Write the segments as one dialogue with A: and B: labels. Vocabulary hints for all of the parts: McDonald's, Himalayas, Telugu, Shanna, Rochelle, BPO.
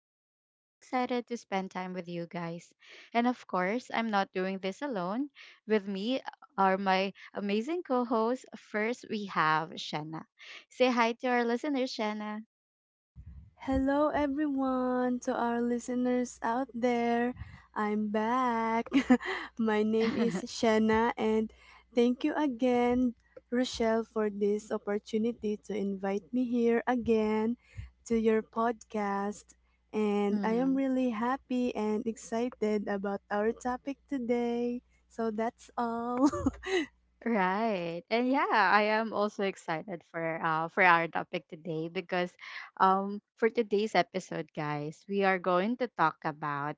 A: Rochelle, and I'm so excited to spend time with you guys. And of course, I'm not doing this alone. With me are my amazing co hosts. First, we have Shanna. Say hi to our listeners, Shanna.
B: Hello, everyone, to our listeners out there. I'm back. My name is Shanna, and thank you again, Rochelle, for this opportunity to invite me here again to your podcast. And I am
A: Mhm.
B: really happy and excited about our topic today. So that's all.
A: Right. And yeah, I am also excited for our topic today because for today's episode, guys, we are going to talk about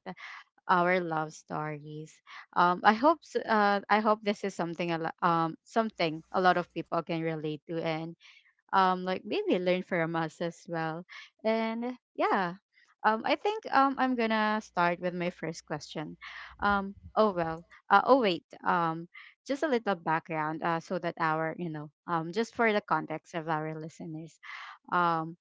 A: our love stories. I hope I hope this is something something a lot of people can relate to, and like maybe learn from us as well. And yeah, I think I'm gonna start with my first question. Um oh well oh wait Just a little background, so that our you know just for the context of our listeners. Um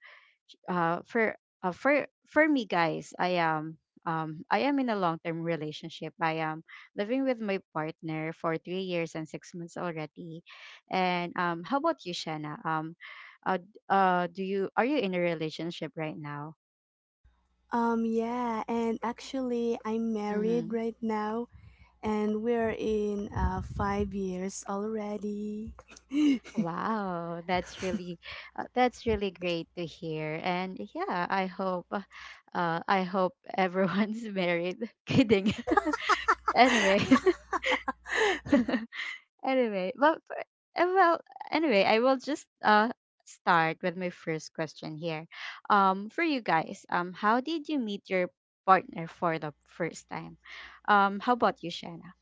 A: uh for for me, guys, I am in a long term relationship. I am living with my partner for 3 years and 6 months already. And how about you, Shanna? Uh, d- do you are you in a relationship right now?
B: Yeah, and actually, I'm married
A: Mm-hmm.
B: right now and we're in 5 years already.
A: Wow, that's really great to hear. And yeah, I hope I hope everyone's married. kidding. anyway. Anyway, uh, well, anyway, I will just start with my first question here. For you guys, how did you meet your partner for the first time? How about you, Shanna?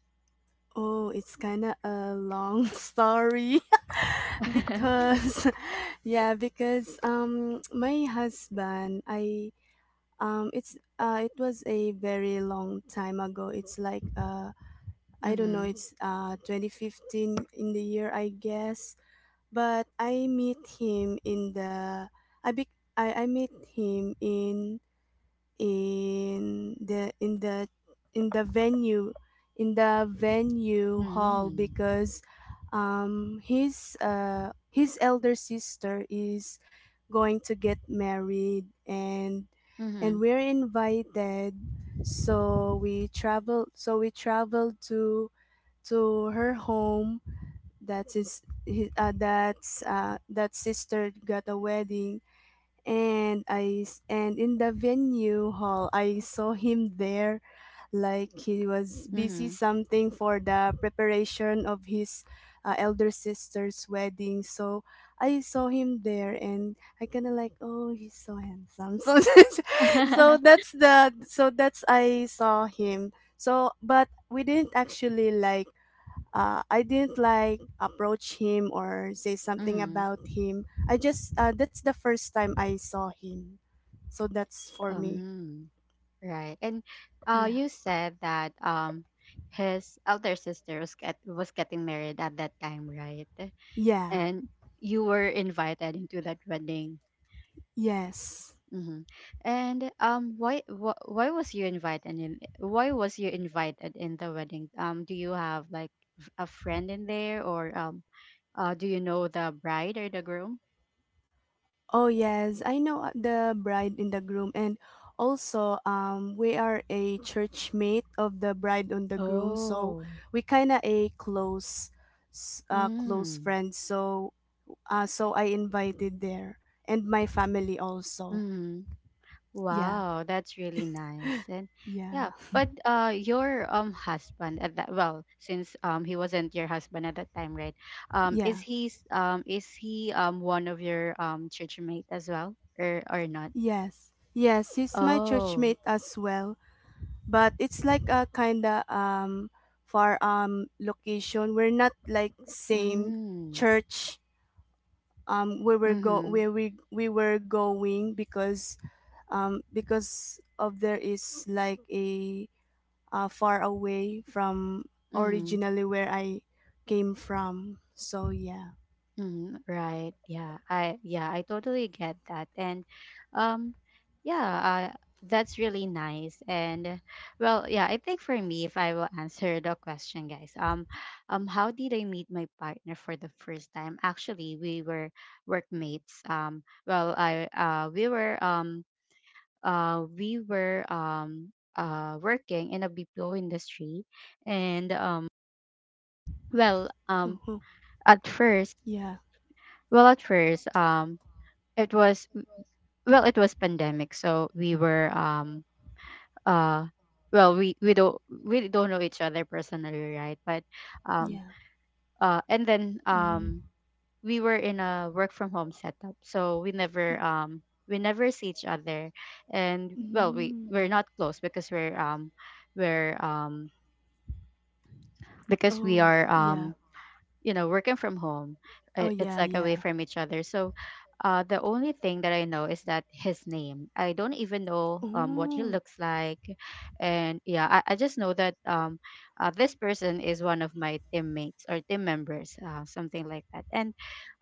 B: Oh, it's kind of a long story because yeah, because my husband I it's it was a very long time ago. It's like I don't know,
A: mm-hmm.
B: it's 2015 in the year, I guess, but I meet him in the I be, I met him in the in the in the venue in the venue hall
A: Mm-hmm.
B: because his elder sister is going to get married, and
A: Mm-hmm.
B: we're invited, so we traveled to her home. That's his that's That sister got a wedding, and in the venue hall I saw him there, like he was busy
A: Mm-hmm.
B: something for the preparation of his elder sister's wedding. So I saw him there and I kind of like, oh, he's so handsome. so that's- so that's the so that's I saw him. So but we didn't actually, like, I didn't like approach him or say something
A: mm-hmm.
B: about him. I just That's the first time I saw him. So that's for me.
A: Um, right. And
B: Yeah.
A: you said that his elder sister was was getting married at that time, right?
B: Yeah.
A: And you were invited into that wedding.
B: Yes.
A: Mm-hmm. And why was you invited in? Why was you invited in the wedding? Do you have like a friend in there, or do you know the bride or the groom?
B: Oh, yes, I know, the bride and the groom, and also we are a church mate of the bride and the groom, so
A: Oh.
B: we kind of a close, close
A: Mm.
B: friend, so so I invited there, and my family also.
A: Mm-hmm.
B: Yeah.
A: Wow, that's really nice. And
B: Yeah.
A: yeah, but your husband at that, well, since he wasn't your husband at that time, right?
B: Yeah.
A: Is he is he one of your church mate as well, or not?
B: Yes, yes, he's my
A: Oh.
B: churchmate as well. But it's like a kinda far location. We're not like same
A: Mm.
B: church, where we're go
A: Mhm.
B: where we we were going because of there is like a far away from
A: Mhm.
B: originally where I came from. So, yeah.
A: Mhm. Right. Yeah. I Yeah, I totally get that. And um yeah, uh, that's really nice. And well, yeah, I think for me, if I will answer the question, guys. Um, how did I meet my partner for the first time? Actually, we were workmates. Well, I we were working in a BPO industry. And well,
B: uh
A: at first,
B: Yeah.
A: well, at first, it was, well, it was pandemic, so we were, uh, well, we don't we don't know each other personally, right? But um,
B: Yeah.
A: and then
B: Mm.
A: we were in a work from home setup, so we never see each other, and well,
B: Mm.
A: we're not close because we're because we
B: Oh,
A: are
B: yeah.
A: you know working from home.
B: Oh,
A: It's
B: yeah.
A: like away
B: Yeah.
A: from each other. So the only thing that I know is that his name. I don't even know um what he
B: Oh,
A: looks like. And yeah, I just know that this person is one of my teammates or team members, something like that. And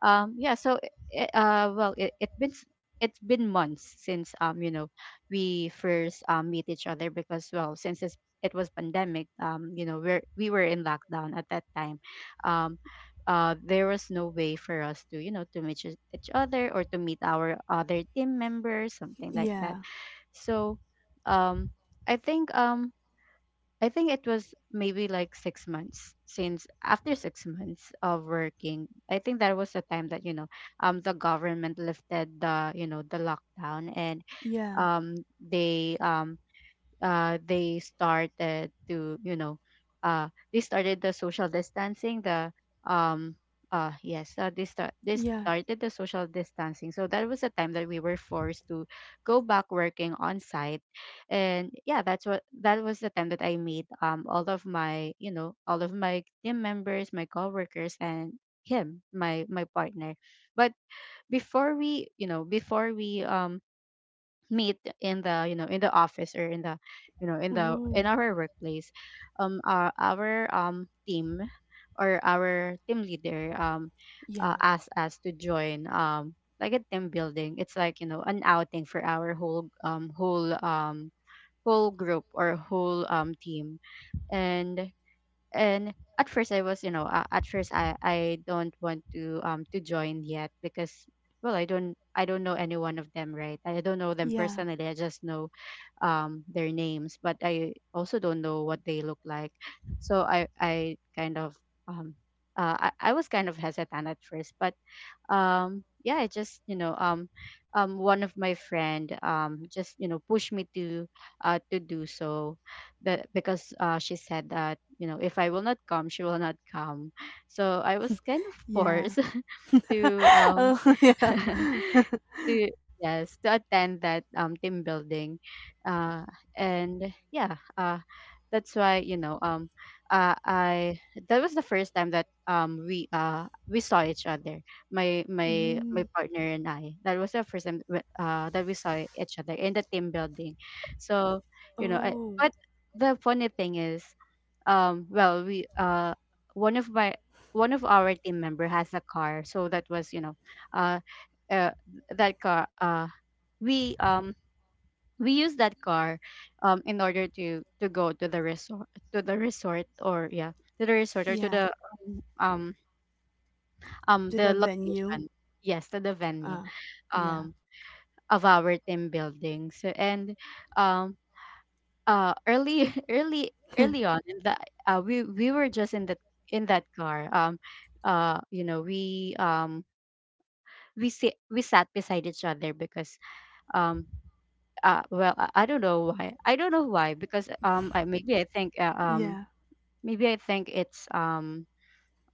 A: yeah, so well, it been it's been months since you know we first um meet each other. Because well, since it was pandemic, you know, we were in lockdown at that time. Um there was no way for us to you know to meet each other or to meet our other team members, something like that.
B: yeah,
A: So um I think I think it was maybe like 6 months since. After 6 months of working, I think that was the time that, you know, the government lifted the, you know, the lockdown. And
B: yeah,
A: um they um, they started to you know, they started the social distancing, the um yes they
B: yeah.
A: started the social distancing. So that was a time that we were forced to go back working on site. And yeah, that's what, that was the time that I made all of my, you know, all of my team members, my coworkers, and him, my partner. But before we, you know, before we meet in the you know in the office, or in the you know in the in
B: Oh,
A: our workplace, our team, or our team leader,
B: yeah,
A: asked us to join like a team building. It's like you know an outing for our whole whole whole group or whole team. And and at first I was, you know, at first I don't want to join yet, because well I don't, I don't know any one of them, right? I don't know them
B: yeah,
A: personally. I just know their names, but I also don't know what they look like. So I kind of um I was kind of hesitant at first. But yeah, it just, you know, um, one of my friend just, you know, pushed me to do so. That, because she said that, you know, if I will not come, she will not come. So I was kind of
B: yeah.
A: forced to
B: Oh, yeah.
A: to, yes, to attend that team building. uh and yeah, uh, that's why, you know, I that was the first time that we saw each other. My my
B: Mm,
A: partner and I, that was the first time that we saw each other in the team building. So you know
B: oh,
A: but the funny thing is well we one of my, one of our team member has a car. So that was you know uh uh, that car, we um we use that car in order to go to the resort, to the resort, or yeah, to the resort, or to
B: yeah.
A: um um
B: To the
A: the
B: venue.
A: location, yes, to the venue
B: Uh, yeah,
A: um of our team building. So and um early early early on in the we were just in that, in that car. Um you know we sit we sat beside each other, because um well I don't know why, I don't know why, because maybe I think
B: yeah.
A: maybe I think it's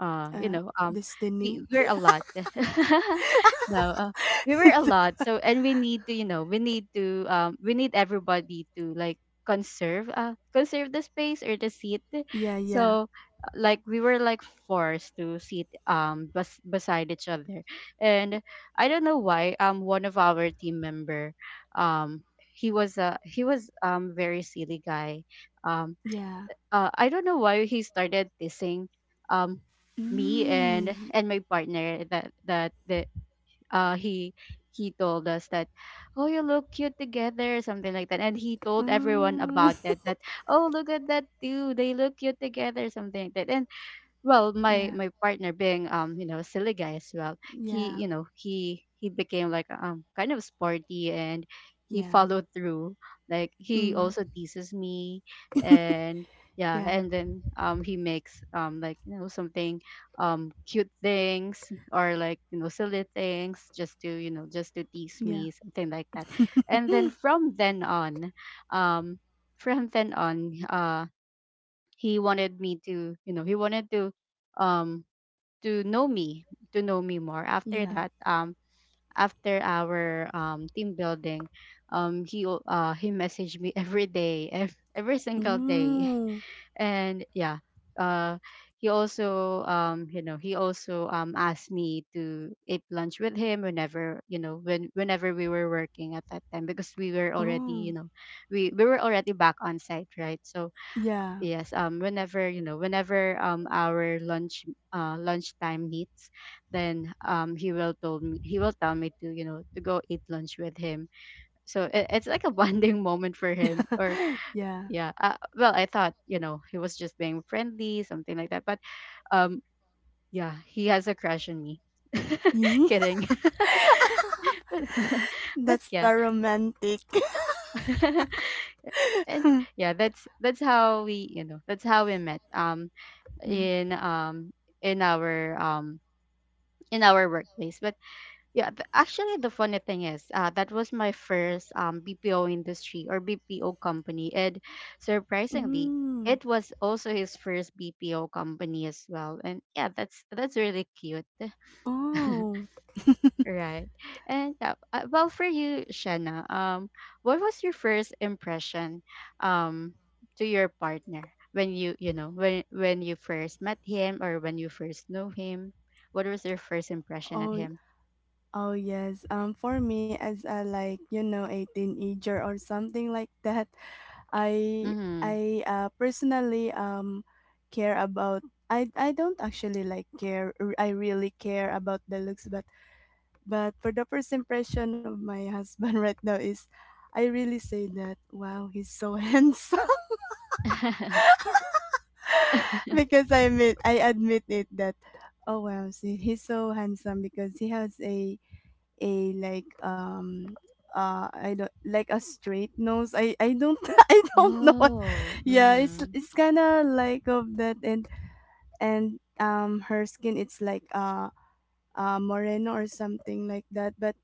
A: you
B: Uh,
A: know
B: Destiny.
A: we're a lot. no we were a lot, so and we need to you know we need to we need everybody to like conserve conserve the space or the seat.
B: Yeah, yeah,
A: So like we were like forced to sit beside each other. And I don't know why one of our team member um he was very silly guy. Um,
B: yeah.
A: I don't know why he started dissing um me and
B: Mm,
A: my partner that the uh he he told us that, oh, you look cute together, something like that. And he told everyone about
B: mm,
A: that, that oh, look at that too, they look cute together, something like that. And well, my
B: yeah,
A: my partner, being you know a silly guy as well, he
B: yeah,
A: you know he became like kind of sporty. And he
B: yeah.
A: followed through, like he
B: Mm,
A: also teases me. And yeah,
B: yeah,
A: and then he makes like you know something cute things, or like you know silly things, just to you know just to tease
B: yeah,
A: me, something like that. And then from then on, um from then on, he wanted me to, you know, he wanted um to know me, to know me more. After
B: yeah.
A: that after our team building, he messaged me every day, every single day.
B: Mm,
A: and yeah, uh, he also you know he also asked me to eat lunch with him. Whenever you know whenever we were working at that time, because we were already you
B: oh,
A: know we were already back on site, right? So
B: yeah,
A: yes, whenever, you know, whenever our lunch lunchtime meets, then he will told me he will tell me to, you know, to go eat lunch with him. So it's like a bonding moment for him. Or
B: yeah.
A: yeah, well, I thought, you know, he was just being friendly, something like that. But um yeah, he has a crush on me. Kidding. but, but
B: That's a
A: yeah.
B: romantic.
A: and yeah, that's how we, you know, that's how we met.
B: Mm.
A: In um in our um in our workplace. Actually, the funny thing is, that was my first BPO industry or BPO company. And surprisingly,
B: Mm.
A: it was also his first BPO company as well, and yeah, that's really cute.
B: Oh.
A: Right. And well, for you, Shanna, what was your first impression, um, to your partner when you know, when you first met him, or when you first knew him? What was your first impression at
B: Oh.
A: him?
B: Oh, yes. For me, as a, like, you know, a teenager or something like that, I
A: Mm-hmm.
B: I personally care about, I don't actually like care r- I really care about the looks, but for the first impression of my husband right now is I really say that, wow, he's so handsome. Because I admit it that, oh, wow, see, he's so handsome because he has a a like um I don't like a straight nose. I don't I don't know what.
A: Oh.
B: Yeah, it's
A: Mm-hmm.
B: it's kind of like of that, and her skin it's like, Moreno or something like that. But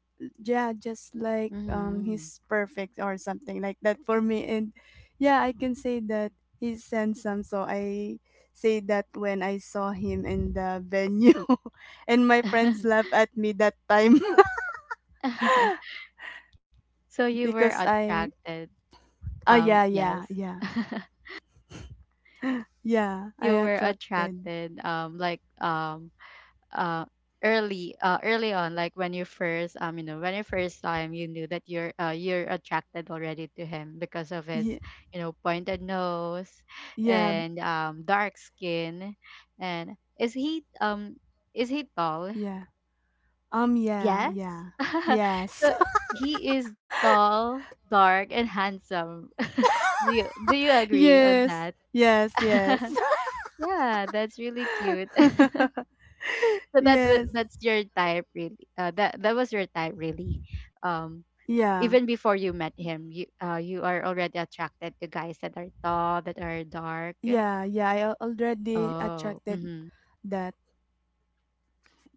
B: yeah, just like,
A: Mm-hmm.
B: he's perfect or something like that for me. And yeah, I can say that he's handsome. So I say that when I saw him in the venue, and my friends laughed at me that time.
A: So you
B: Because
A: were
B: I,
A: attracted.
B: oh, yeah,
A: Yes.
B: yeah, yeah, yeah, I
A: You were
B: attracted.
A: attracted. Uh Early early on, like when you first you know, when you first saw him, you knew that you're attracted already to him because of his,
B: Yeah,
A: you know, pointed nose
B: yeah,
A: and dark skin, and is he um is he tall?
B: yeah, yeah,
A: Yes.
B: yeah, yes.
A: So he is tall, dark, and handsome. Do you agree on
B: Yes,
A: that?
B: yes, yes.
A: Yeah, that's really cute. So that's what
B: Yes.
A: that's your type really. That was your type really. Um,
B: Yeah,
A: even before you met him, you are already attracted to guys that are tall, that are dark.
B: yeah, yeah. Already
A: Oh,
B: attracted
A: mm-hmm.
B: that,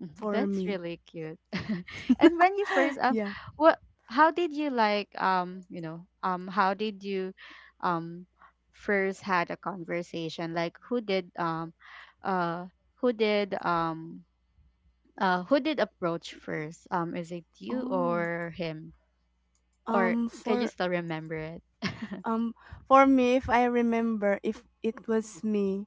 A: Mm-hmm.
B: for
A: That's
B: me.
A: really cute. And when you first
B: Yeah.
A: what? How did you like how did you um first had a conversation? Like, uh who did um who did approach first? Is it you
B: Oh.
A: or him? Or
B: Um.
A: can you
B: For
A: still remember it?
B: um. For me, if I remember, if it was me,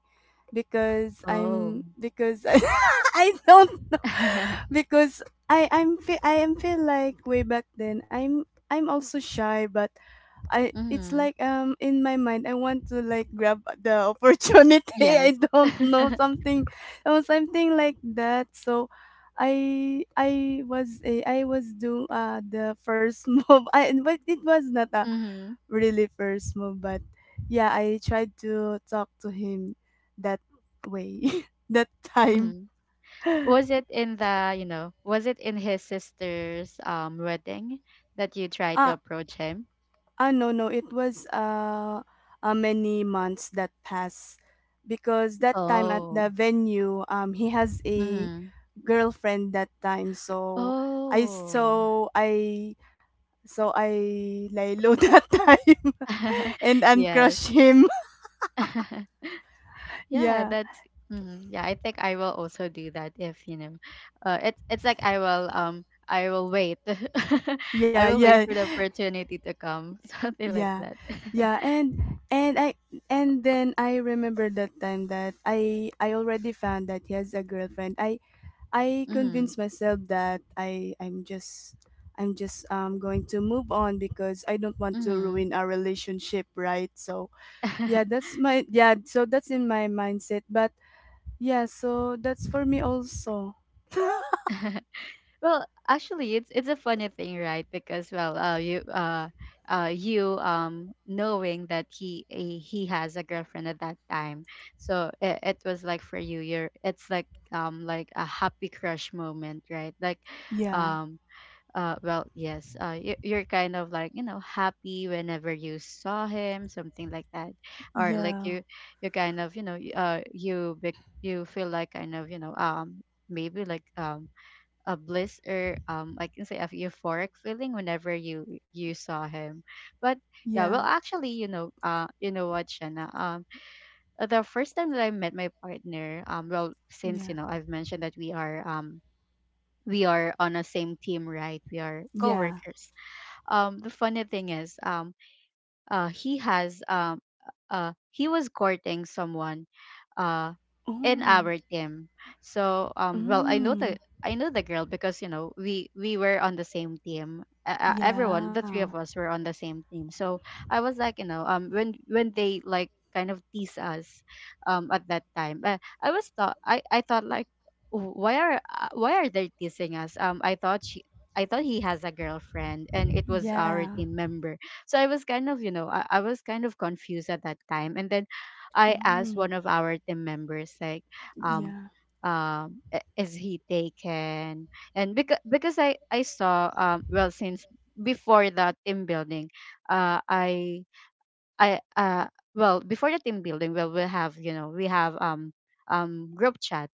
B: because
A: Oh.
B: I, I don't know, because I am feel like, way back then, I'm also shy, but I it's
A: Mm-hmm.
B: like, in my mind I want to, like, grab the opportunity. I
A: Yes.
B: don't know, something or something like that. So I was doing the first move. I But it was not a
A: Mm-hmm.
B: really first move, but yeah, I tried to talk to him, that way, that time.
A: Mm-hmm. Was it in the, you know, was it in his sister's wedding that you tried to
B: ah.
A: approach him?
B: Ah, no, no. It was, many months that pass, because that time at the
A: Oh.
B: venue, he has a
A: Mm-hmm.
B: girlfriend that time. So I
A: Oh.
B: so I I lay low that time and
A: Yes.
B: uncrush him.
A: Yeah,
B: Yeah,
A: that's Mhm. Yeah, I think I will also do that if, you know, it's like I will wait. I
B: yeah,
A: will wait
B: yeah,
A: for the opportunity to come, something like
B: yeah,
A: that.
B: yeah. And then I remember that time that I already found that he has a girlfriend. I
A: Mhm.
B: convinced myself that I'm just going to move on because I don't want to
A: Mhm.
B: ruin our relationship, right? So yeah, that's my, yeah, so that's in my mindset. But yeah, so that's for me also.
A: Well, actually, it's a funny thing, right? Because well, you um, knowing that he has a girlfriend at that time, so it was like for you, you're it's like um, like a happy crush moment, right? Like,
B: Yeah,
A: um yes, you, you're kind of like, you know, happy whenever you saw him, something like that, or like
B: yeah,
A: you kind of, you know, you feel like kind of, you know, maybe like a bliss, or um, I can say a euphoric feeling whenever you saw him. But yeah, well
B: yeah,
A: actually, you know what, Shanna, um, the first time that I met my partner, um, well, since you
B: yeah,
A: know I've mentioned that we are on a same team, right? We are
B: yeah.
A: coworkers. Um, the funny thing is he has he was courting someone uh in
B: Oh,
A: our team. So um, well,
B: mm,
A: I know the girl because, you know, we were on the same team. Everyone, the
B: yeah,
A: three of us, were on the same team. So I was like, you know, um, when they like kind of tease us at that time. I thought like, "Oh, why are they teasing us? Um, I thought he has a girlfriend, and it was our
B: yeah,
A: team member." So I was kind of, you know, I was kind of confused at that time. And then I asked
B: mm,
A: one of our team members, like, um,
B: yeah.
A: is he taken? And because I saw, um, well, since before the team building, uh, I I well before the team building, well, we have, you know, we have um, um, group chat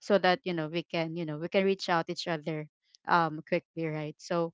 A: so that, you know, we can, you know, we can reach out each other um, quickly, right? So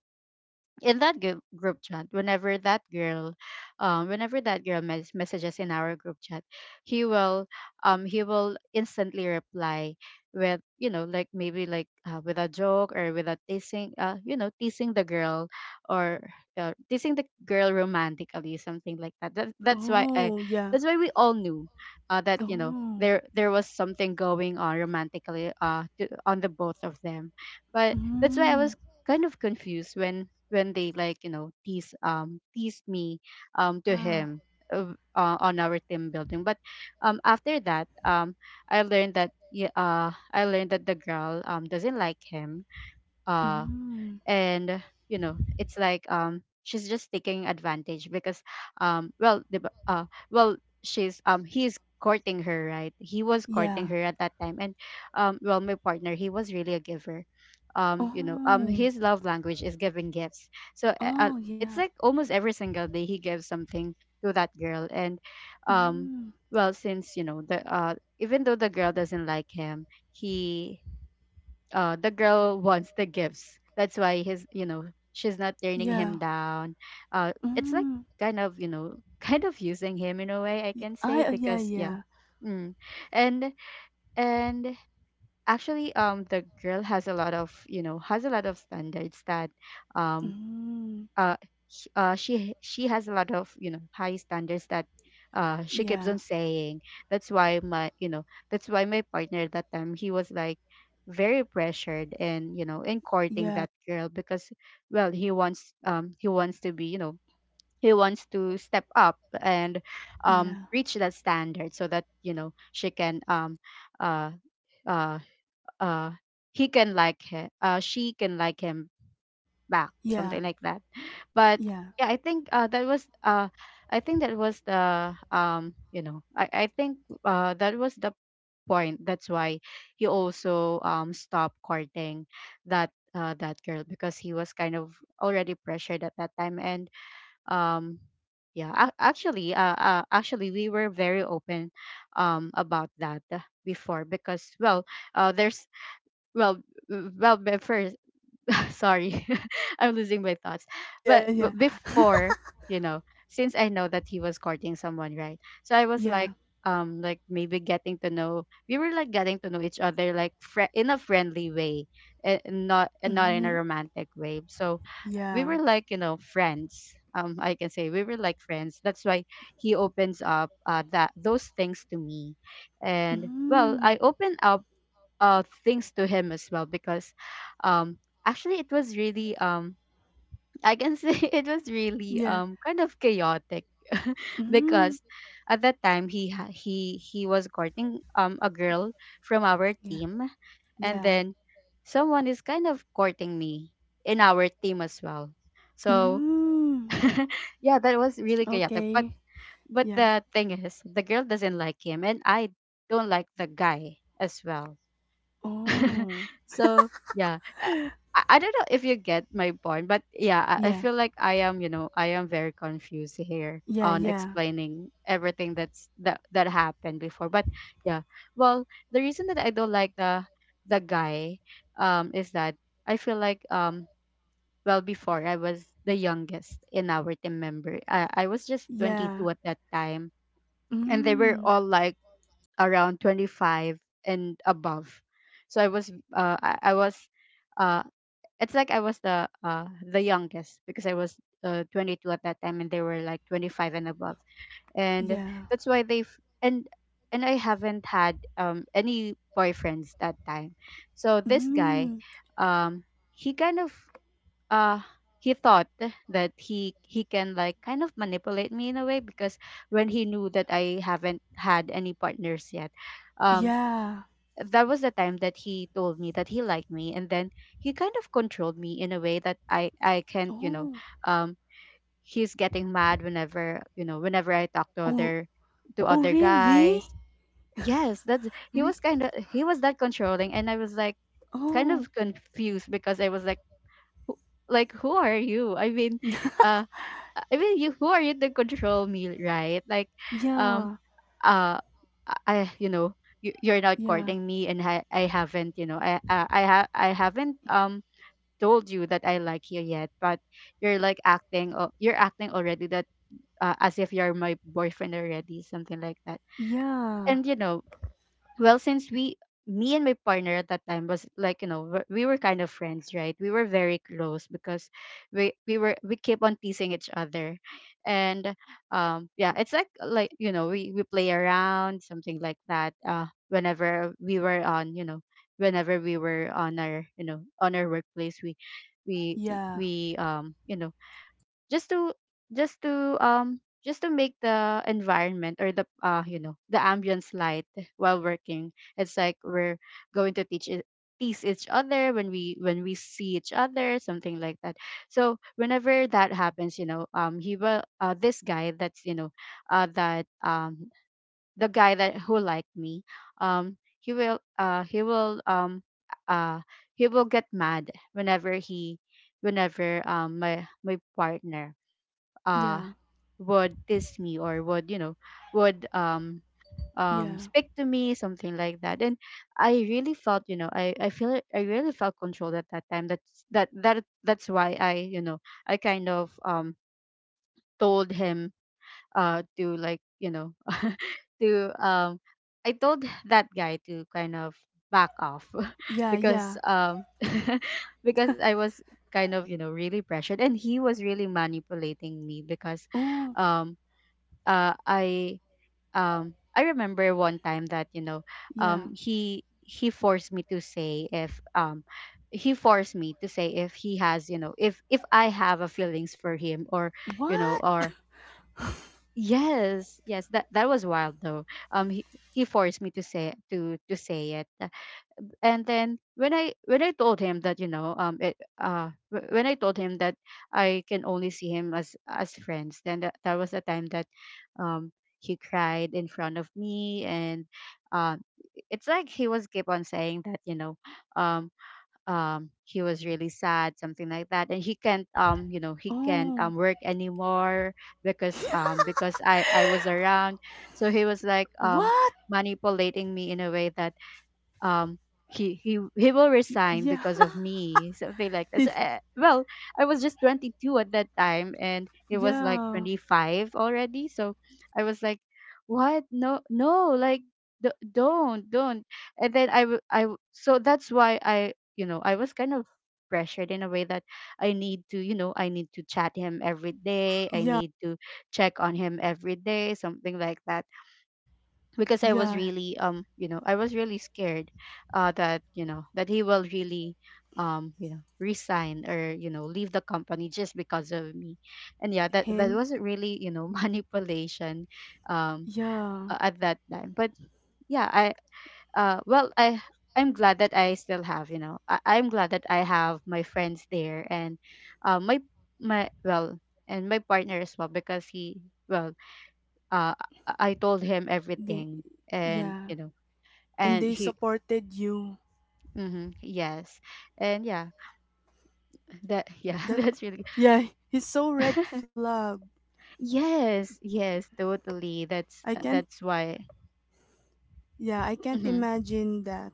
A: in that group, group chat, whenever that girl um, whenever that girl messages in our group chat, he will he will instantly reply with, you know, like maybe like, with a joke or with a teasing, you know, teasing the girl, or teasing the girl romantically, something like that.
B: Oh, yeah.
A: That's why we all knew that, you know,
B: Oh,
A: there was something going on romantically on the both of them. But that's why I was
B: mm,
A: kind of confused when they like, you know, tease tease me to
B: yeah,
A: him, on our team building. But um, after that um, I learned that, yeah, I learned that the girl um, doesn't like him. uh
B: mm.
A: and you know, it's like um, she's just taking advantage because well the b- well she's he's courting her, right? He was courting
B: Yeah.
A: her at that time. And um, well, my partner, he was really a giver. Um, you know, um,
B: Oh.
A: his love language is giving gifts. So
B: Oh, yeah.
A: it's like almost every single day he gives something to that girl. And um,
B: Mm.
A: well, since, you know, the even though the girl doesn't like him, he the girl wants the gifts. That's why his, you know, she's not turning him
B: Yeah.
A: down. It's like
B: Mm.
A: kind of, you know, kind of using him in a way, I
B: Y-
A: can say,
B: I Yeah,
A: because yeah,
B: yeah.
A: mm. And and actually, the girl has a lot of, you know, has a lot of standards that, um,
B: Mm.
A: uh, she has a lot of, you know, high standards that, she keeps
B: Yeah.
A: on saying. That's why my, you know, that's why my partner at that time, he was like very pressured and, you know, in courting
B: Yeah.
A: that girl. Because well, he wants, um, he wants to be, you know, he wants to step up and um,
B: Yeah.
A: reach that standard so that, you know, she can um, uh uh uh he can like her, she can like him back,
B: Yeah.
A: something like that. But
B: Yeah.
A: yeah, I think, that was I think that was the, you know, I think, that was the point. That's why he also um, stopped courting that girl, because he was kind of already pressured at that time. And um, yeah, actually, we were very open um, about that, before. Because well, there's well w- well before sorry, I'm losing my thoughts.
B: Yeah, yeah.
A: But before, you know, since I know that he was courting someone, right? So I was
B: Yeah.
A: like, like, maybe getting to know. We were like getting to know each other, like in a friendly way, eh, and not in a
B: Mm.
A: romantic way. So we
B: Yeah.
A: were like, you know, friends. I can say we were like friends. That's why he opens up, that those things to me, and well, I
B: Mm.
A: open up things to him as well. Because um, actually, it was really um, I can say, it was really
B: Yeah.
A: um, kind of chaotic.
B: Mm.
A: Because at that time, he ha- he was courting um, a girl from our
B: Yeah.
A: team. And
B: Yeah.
A: then someone is kind of courting me in our team as well. So
B: Mm.
A: yeah, that was really chaotic. but
B: Okay.
A: but
B: Yeah.
A: the thing is, the girl doesn't like him, and I don't like the guy as well.
B: Oh.
A: So yeah, I don't know if you get my point, but yeah, I
B: Yeah.
A: feel like I am, you know, I am very confused here
B: Yeah,
A: on
B: yeah.
A: explaining everything that's that happened before. But yeah, well, the reason that I don't like the guy um, is that I feel like um, well, before, I was the youngest in our team member. I was just
B: Yeah.
A: 22 at that time, and they were
B: Mm.
A: all like around 25 and above. So I was I was, uh, it's like I was the, the youngest, because I was, 22 at that time, and they were like 25 and above. And
B: Yeah.
A: that's why they've and and I haven't had any boyfriends that time. So this guy,
B: Mm.
A: um, he kind of uh he thought that he can, like, kind of manipulate me in a way because when he knew that I haven't had any partners yet, um
B: Yeah.
A: that was the time that he told me that he liked me. And then he kind of controlled me in a way that I can't, you know.
B: Oh.
A: um he's getting mad whenever, you know, whenever I talk to
B: Oh, oh,
A: other
B: really?
A: guys. Yes, that's, he
B: Re-
A: was kind of, he was that controlling. And I was like kind
B: oh,
A: of confused because I was like, who- like, who are you? I mean uh i mean you, who are you to control me, right? Like, um
B: yeah,
A: uh I, you, you're not
B: yeah,
A: courting me and I haven't, you know, I haven't, told you that I like you yet. But you're like acting, you're acting already that, as if you're my boyfriend already, something like that.
B: yeah,
A: And you know, well, me and my partner at that time was like, you know, we were kind of friends, right? We were very close because we were we keep on teasing each other. And, yeah, it's like you know, we play around, something like that. Whenever we were on, you know, whenever we were on our, you know, on our workplace, we
B: yeah,
A: we you know, just to just to um just to make the environment, or the, you know, the ambience light while working. It's like we're going to teach it tease each other when we see each other, something like that. So whenever that happens, you know, he will, this guy, that's, you know, that the guy that who liked me, he will, uh he will get mad whenever he whenever my partner uh
B: yeah,
A: would tease me, or would, you know, would
B: yeah,
A: speak to me, something like that. And I really felt you know I feel I really felt controlled at that time. That's that's why I, you know, I kind of told him, to, like, you know, to I told that guy to kind of back off
B: yeah,
A: because
B: yeah.
A: because I was kind of, you know, really pressured, and he was really manipulating me. Because
B: Oh,
A: um I, I remember one time that, you know,
B: yeah.
A: he forced me to say, if he forced me to say, if he has, you know, if I have a feelings for him or, you know,
B: What?
A: or, yes, yes, that, that was wild though. um he, he forced me to say, to say it. And then when I told him that, you know, when I told him that I can only see him as friends, then that was the time that um he cried in front of me. And um it's like he was keep on saying that, you know, um he was really sad, something like that. And he can't, you know, he can't
B: Oh,
A: work anymore because I was around. So he was like,
B: what?
A: manipulating me in a way that, um he will resign
B: Yeah,
A: because of me, something like that. So, well, I was just 22 at that time, and he was like
B: yeah,
A: 25 already. So I was like, what? No, no, like, don't, and then so that's why I, you know, I was kind of pressured in a way that I need to, you know, I need to chat him every day, I
B: yeah,
A: need to check on him every day, something like that. Because I was
B: yeah.
A: really, you know, I was really scared, that, you know, that he will really you know, resign or, you know, leave the company, just because of me. And yeah, that
B: Him?
A: wasn't really, you know, manipulation, um
B: Yeah,
A: at that time. But yeah, I, well, I'm glad that I still have, you know, I'm glad that I have my friends there, and my my well and my partner as well, because he, well, I told him
B: they,
A: everything, and
B: yeah.
A: you know,
B: And
A: and
B: they
A: he,
B: supported you.
A: hmm, yes. And yeah, that yeah,
B: That,
A: that's really,
B: yeah, he's so red flag.
A: yes, yes, totally,
B: I can't,
A: that's why,
B: Yeah, I can't
A: hmm.
B: imagine that.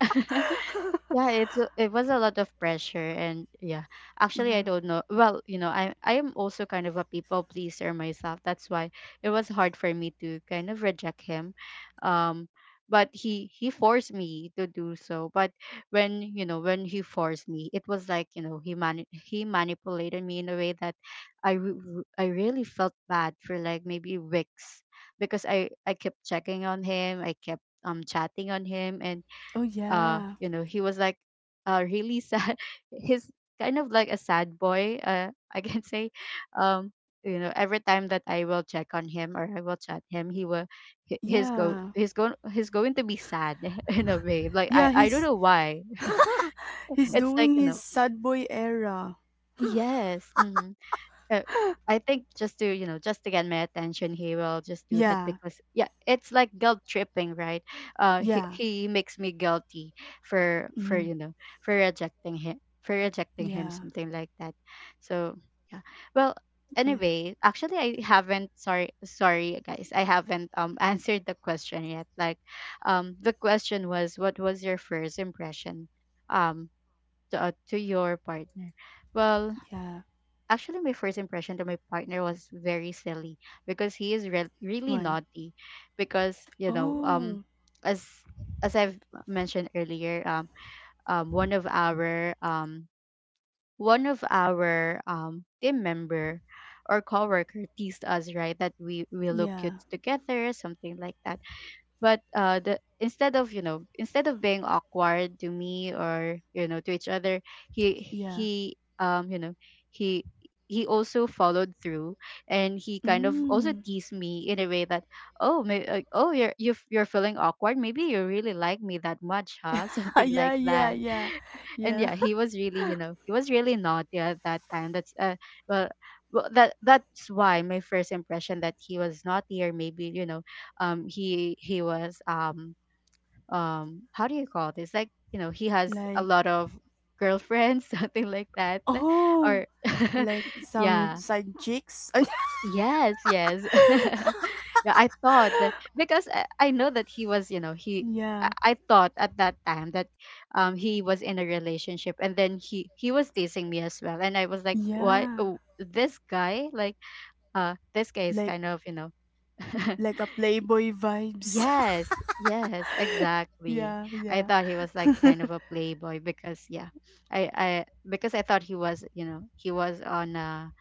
A: Yeah, it was a lot of pressure, and yeah. Actually, I
B: Yeah.
A: don't know. Well, you know, I am also kind of a people pleaser myself. That's why it was hard for me to kind of reject him. Um but he forced me to do so. But when, you know, when he forced me, it was like, you know, he manipulated me in a way that I really felt bad for like maybe weeks, because I kept checking on him. I kept chatting on him. And
B: Oh, yeah.
A: you know, he was like really sad he's kind of like a sad boy, I can say. um you know, every time that I will check on him, or I will chat him, he will, he's go
B: Yeah.
A: he's going, he's going to be sad in a way. Like, i
B: Yeah,
A: i don't
B: he's
A: know why.
B: he's
A: It's like,
B: doing
A: you know,
B: his sad boy era.
A: yes, mhm. Uh, I think, just to, you know, just to get my attention, he will just do that.
B: Yeah.
A: Because yeah, it's like guilt tripping, right? He,
B: Yeah.
A: he makes me guilty for,
B: Mm,
A: you know, for rejecting him,
B: yeah.
A: something like that. So yeah. Well,
B: Yeah.
A: anyway, actually I haven't, sorry, sorry guys, I haven't answered the question yet. Like, the question was, what was your first impression um to your partner? Well,
B: Yeah.
A: actually, my first impression to my partner was very silly, because he is really
B: Why?
A: naughty. Because you know,
B: Oh.
A: as I've mentioned earlier, one of our team member or coworker teased us, right? That we look cute
B: Yeah.
A: together, something like that. But the, instead of, you know, instead of being awkward to me, or you know, to each other, he,
B: Yeah.
A: you know, he, also followed through. And he kind of also
B: Mm.
A: teased me in a way that, oh, you're, you're you're feeling awkward, maybe you really like me that much, huh? Something like
B: Yeah, yeah,
A: that.
B: yeah.
A: And
B: Yeah.
A: yeah, he was really, you know, he was really naughty at that time. That's well, well, that that's why my first impression, that he was naughty, or maybe, you know, he was how do you call this, like, you know, he has a
B: Like,
A: lot of girlfriends something like that,
B: oh,
A: or
B: like some
A: yeah.
B: side chicks.
A: Yes, yes. Yeah, I thought that because I know that he was, you know, he,
B: Yeah.
A: I thought at that time that, he was in a relationship, and then he was teasing me as well. And I was like, "Why?
B: Yeah.
A: Oh, this guy, like, this guy is
B: Like
A: kind of, you know."
B: like a playboy vibes.
A: Yes, yes, exactly.
B: Yeah,
A: I
B: yeah.
A: thought he was like kind of a playboy. Because yeah, I because I thought he was, you know, he was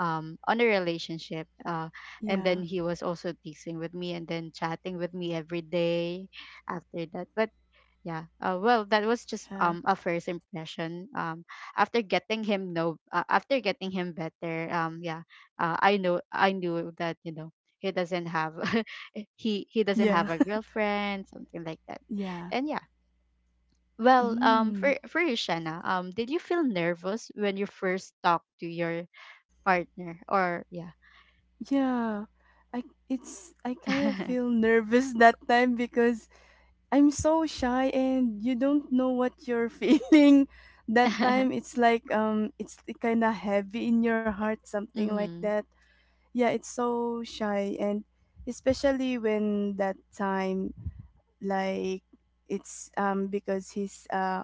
A: on a relationship, and
B: Yeah.
A: then he was also teasing with me, and then chatting with me every day after that. But yeah. Well, that was just
B: Yeah.
A: a first impression. After getting him know, after getting him better. Yeah. I knew that, you know, he doesn't have, he doesn't
B: Yeah.
A: have a girlfriend, something like that.
B: Yeah.
A: And yeah. Well,
B: Mm.
A: for you, Shanna, did you feel nervous when you first talked to your partner? Or yeah.
B: Yeah, I I kind of feel nervous that time because I'm so shy and you don't know what you're feeling that time. It's like, it's kind of heavy in your heart, something like
A: mm-hmm.
B: that. Yeah, it's so shy, and especially when that time, like, it's, because he's uh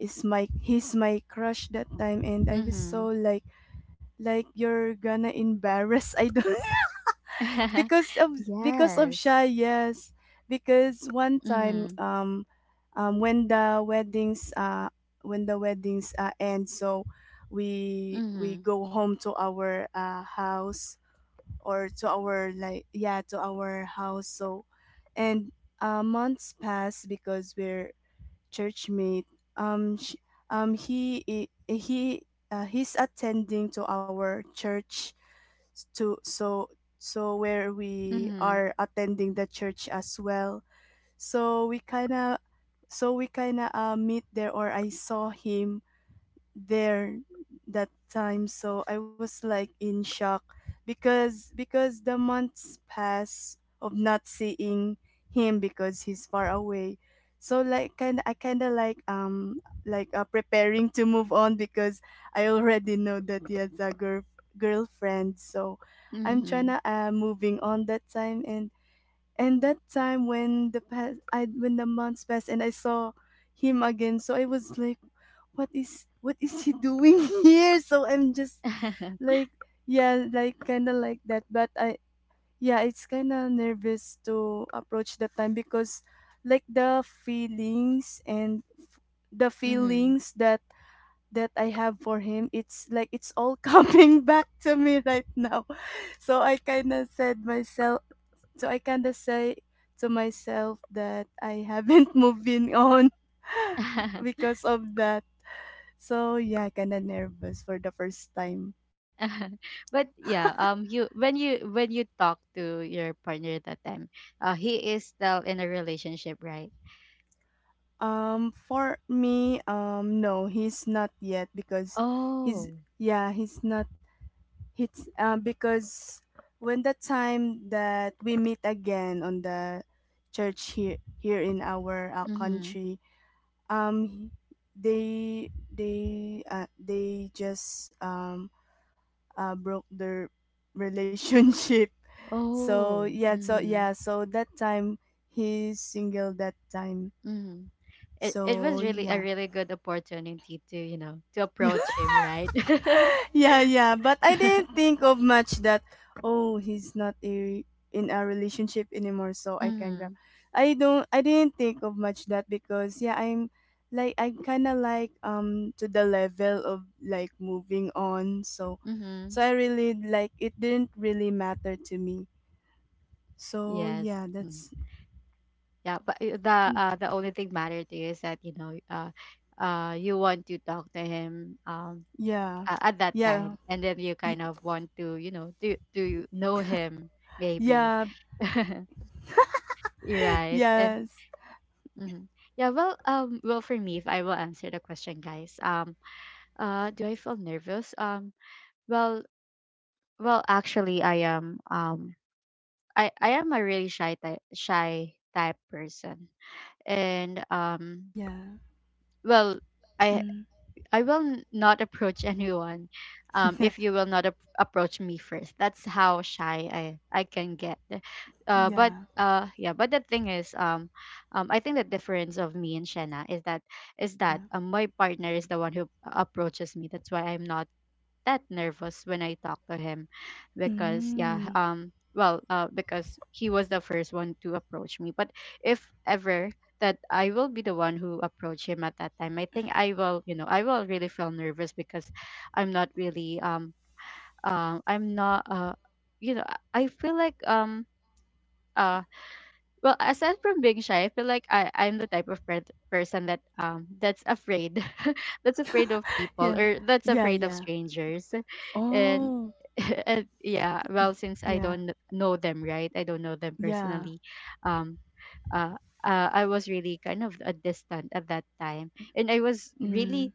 B: is my he's my crush that time, and I was
A: Mm-hmm.
B: so like, you're gonna embarrass, I don't, because of, because of
A: yes.
B: shy. Yes. Because one time,
A: Mm-hmm.
B: um when the weddings uh when the weddings end, so we
A: Mm-hmm.
B: go home to our house, or to our, like, yeah, to our house, so, and months pass because we're churchmate. Sh he I- he He's attending to our church, to so so where we
A: Mm-hmm.
B: are attending the church as well. So we kinda so we kinda, meet there, or I saw him there that time. So I was like in shock, because, the months pass of not seeing him, because he's far away, so, like, kind of like, like, preparing to move on because I already know that he has a girlfriend, so I'm trying
A: Mhm.
B: to, moving on that time, and that time when the months passed and I saw him again, so I was like, what is he doing here, so I'm just, like, yeah, like, kind of like that, but I, yeah, it's kind of nervous to approach that time, because, like, the
A: mhm.
B: feelings that I have for him, it's like, it's all coming back to me right now. So I kind of said myself, so I kind of say to myself that I haven't moving on because of that. So, yeah, kind of nervous for the first time.
A: But yeah, you, when you talk to your partner that time, he is still in a relationship, right?
B: For me, no, he's not yet, because he's,
A: Oh.
B: yeah, he's not. He's, because when the time that we meet again on the church, here in our,
A: Mhm.
B: country, um they just, broke their relationship. so
A: Oh.
B: yeah so
A: Mhm.
B: yeah so that time he's single that time,
A: Mhm. It
B: so
A: was really a
B: yeah.
A: really good opportunity to, you know, to
B: Yeah,
A: approach him, right?
B: yeah, yeah. But I didn't think of much that, oh, he's not a in a relationship anymore, so I can grab.
A: Mm-hmm.
B: I don't. I didn't think of much that, because yeah, I'm kind of like, to the level of, like, moving on. So
A: Mm-hmm.
B: I really, like, it didn't really matter to me. So yeah,
A: Yes. Mm.
B: that's,
A: Yeah, but the only thing matter to you is that, you know, you want to talk to him,
B: yeah,
A: at that time.
B: yeah,
A: And then you
B: y-
A: kind of want to, you know, to know him maybe
B: yeah,
A: right? And
B: yes,
A: mhm. Yeah, well, for me, if I will answer the question, guys, do I feel nervous? Well, well, actually, I am, I am a really shy type person. And
B: yeah,
A: well, i
B: mm,
A: I will not approach anyone,
B: yeah,
A: if you will not approach me first. That's how shy I can get. But
B: yeah,
A: yeah, but the thing is, I think the difference of me and Shanna is that
B: yeah.
A: my partner is the one who approaches me. That's why I'm not that nervous when I talked to him. Because yeah,
B: Mm.
A: well, because he was the first one to approach me. But if ever that I will be the one who approach him at that time, I think I will, I will really feel nervous because I'm not really I'm not you know, I feel like uh well, aside from being shy, I feel like I'm the type of person that that's afraid, that's afraid of people
B: Yeah.
A: or that's
B: Yeah,
A: afraid of
B: yeah.
A: strangers, and
B: Oh,
A: and yeah, well, since I
B: yeah.
A: don't know them, right? I don't know them
B: Yeah.
A: personally. Um, uh, I was really kind of a distant at that time, and I was
B: Mm.
A: really.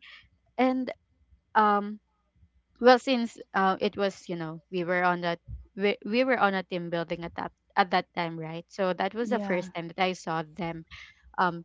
A: And um well, since it was, we were on a team building at that time, right? So that was the
B: Yeah.
A: first time that I saw them, um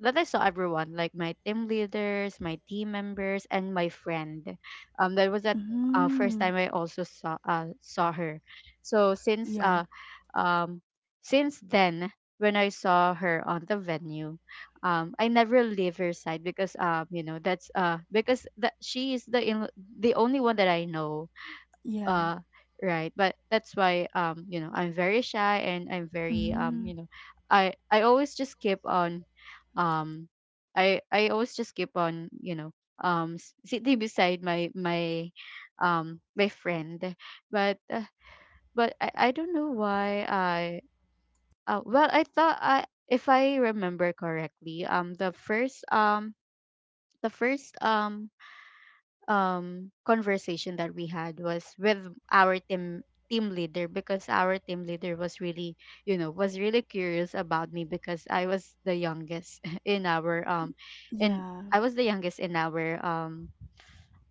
A: that I saw everyone, like my team leaders, my team members, and my friend. That was that First
B: Mm.
A: time I also saw saw her. So
B: Yeah.
A: um, since then, when I saw her on the venue, I never leave her side because, you know, that's because that she is the the only one that I know.
B: Yeah.
A: uh right, but that's why, you know, I'm very shy and I'm very,
B: Mm.
A: you know, I always just keep on, um I always just keep on, sitting beside my friend. But I don't know why. I Well, I thought I if I remember correctly, the first conversation that we had was with our team leader, because our team leader was really, was really curious about me because I was the youngest in our in
B: Yeah.
A: I was the youngest in our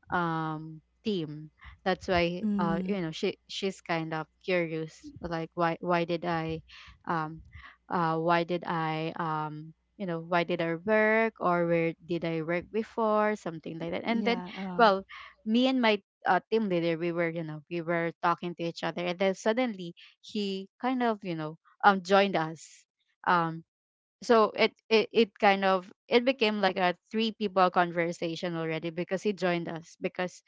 A: team. That's why,
B: Mm.
A: you know, she's kind of curious, like, why um why did I, you know, why did I work, or where did I work before, something like that. And then,
B: Yeah.
A: well, me and my team leader, we were, you know, we were talking to each other, and then suddenly he kind of, you know, joined us. um so it kind of it became like a three people conversation already, because he joined us because,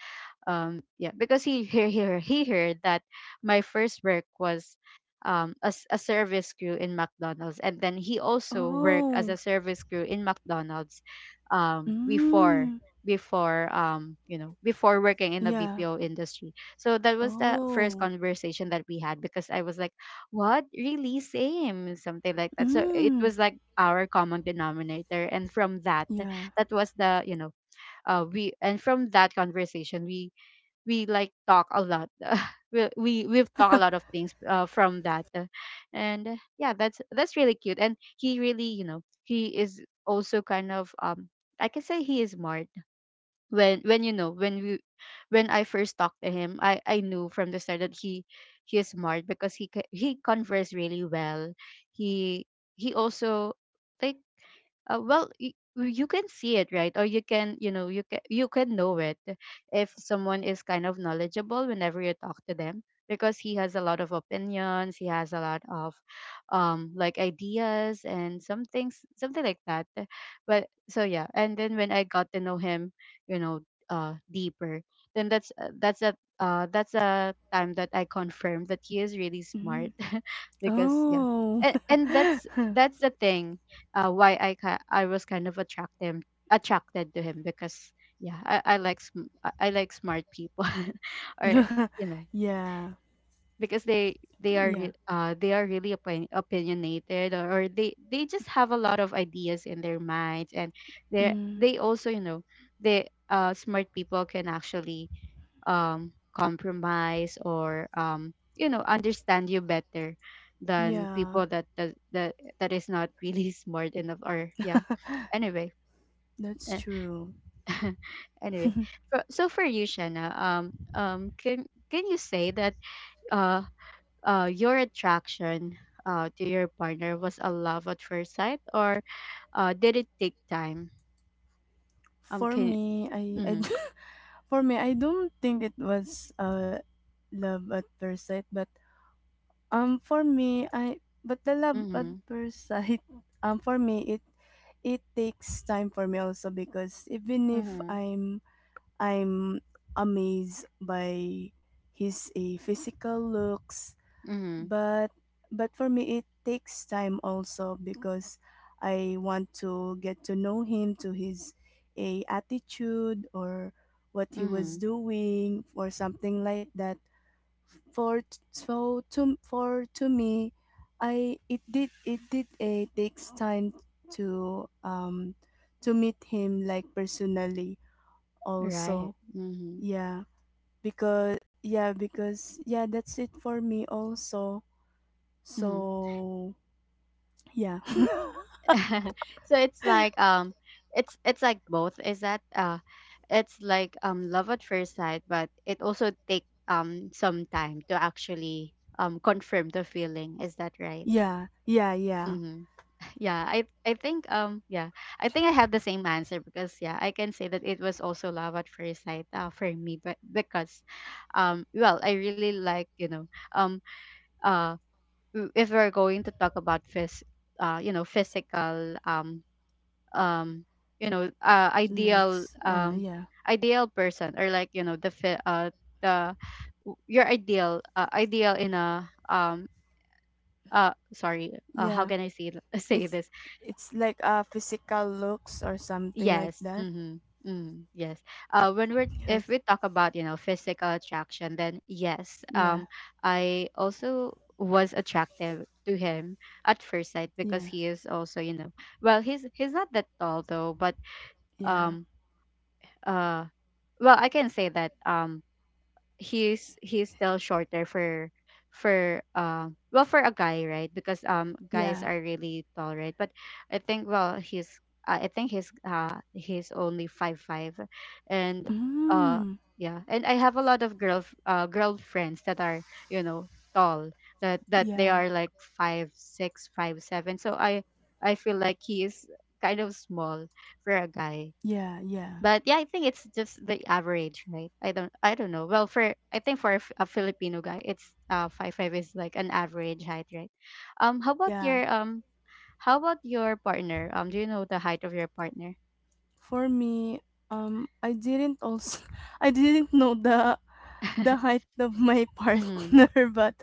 A: yeah because he heard that my first work was, as a service crew in McDonald's, and then he also worked as
B: Oh.
A: a service crew in McDonald's before.
B: Mm.
A: You know, before working in the
B: Yeah.
A: BPO industry. So that was the first
B: Oh.
A: conversation that we had, because I was like, what, really, same, something like that. So it
B: Mm.
A: was like our common denominator, and from that,
B: Yeah.
A: that was the you know we and from that conversation, we like talk a lot. We we've talked a lot of things from that. And yeah, that's really cute. And he really, you know, he is also kind of, I can say he is smart. When you know when we when I first talked to him, I knew from the start that he is smart, because he converse really well. He he also like Well, you can see it, right? Or you can, you know, you can know it if someone is kind of knowledgeable whenever you talk to them, because he has a lot of opinions, he has a lot of, like, ideas and some things, something like that. But so yeah, and then when I got to know him, you know, deeper, then that's a time that I confirmed that he is really smart.
B: Mm.
A: Because yeah.
B: Oh.
A: And that's the thing, why I was kind of attracted, attracted to him, because, yeah, I like I like smart people, or, you know,
B: Yeah.
A: because they are
B: Yeah.
A: they are really opinionated, or they just have a lot of ideas in their minds. And they
B: Mm.
A: they also, you know, they, smart people can actually, compromise, or, you know, understand you better than
B: Yeah.
A: people that that that, that is not really smart enough, or yeah. Anyway.
B: That's
A: eh,
B: true.
A: anyway, so for you, Shanna, um can can you say that, uh your attraction, to your partner was a love at first sight, or did it take time?
B: For
A: Can
B: me, I
A: Mhm.
B: for me, I don't think it was love at first sight, but for me I but the love at
A: Mhm.
B: first sight. Um, for me it takes time for me also, because even if
A: Mhm.
B: I'm amazed by his a physical looks,
A: Mhm.
B: but but for me it takes time also because I want to get to know him, to his a attitude, or what he was
A: Mhm.
B: doing or something like that. So to me, I it did, it did a takes time to um to meet him like personally also.
A: Right. Mhm.
B: Yeah, because, yeah, because, yeah, that's it for me also,
A: Mhm.
B: so yeah.
A: So it's like, it's like both. Is that it's like, love at first sight, but it also take some time to actually, confirm the feeling. Is that right?
B: Yeah, yeah, yeah.
A: Mm-hmm. Yeah, I think, yeah, I think I have the same answer, because yeah, I can say that it was also love at first sight, for me, but because, well, I really like, you know, um uh if we're going to talk about you know, physical, um you know, ideal,
B: Looks, yeah.
A: ideal person, or, like, you know, the fi- the w- your ideal, ideal in a, sorry, how
B: Yeah,
A: can I say say
B: it's
A: this?
B: it's like a physical looks or something like
A: Yes.
B: that.
A: Mhm. Mm, yes. When we're if
B: Yes,
A: we talk about, you know, physical attraction, then yes.
B: yeah,
A: I also was attractive to him at first sight, because
B: yeah,
A: he is also, you know, well, he's not that tall, though. But
B: yeah,
A: um uh well, I can say that, he's still shorter for, well, for a guy, right? Because, guys
B: yeah.
A: are really tall, right? But I think, well, he's I think he's only five five, and uh
B: Mm.
A: yeah. And I have a lot of girl, girlfriends that are, you know, tall, that they
B: Yeah.
A: are like 5'6", 5'7". So I feel like he is kind of small for a guy.
B: Yeah, yeah.
A: But yeah, I think it's just the average, right? I don't know. Well, for, I think for a a Filipino guy, it's five five is like an average height, right? Um, how about
B: Yeah.
A: your um how about your partner? Do you know the height of your partner?
B: For me, I didn't also I didn't know the height of my
A: Mm-hmm.
B: partner, but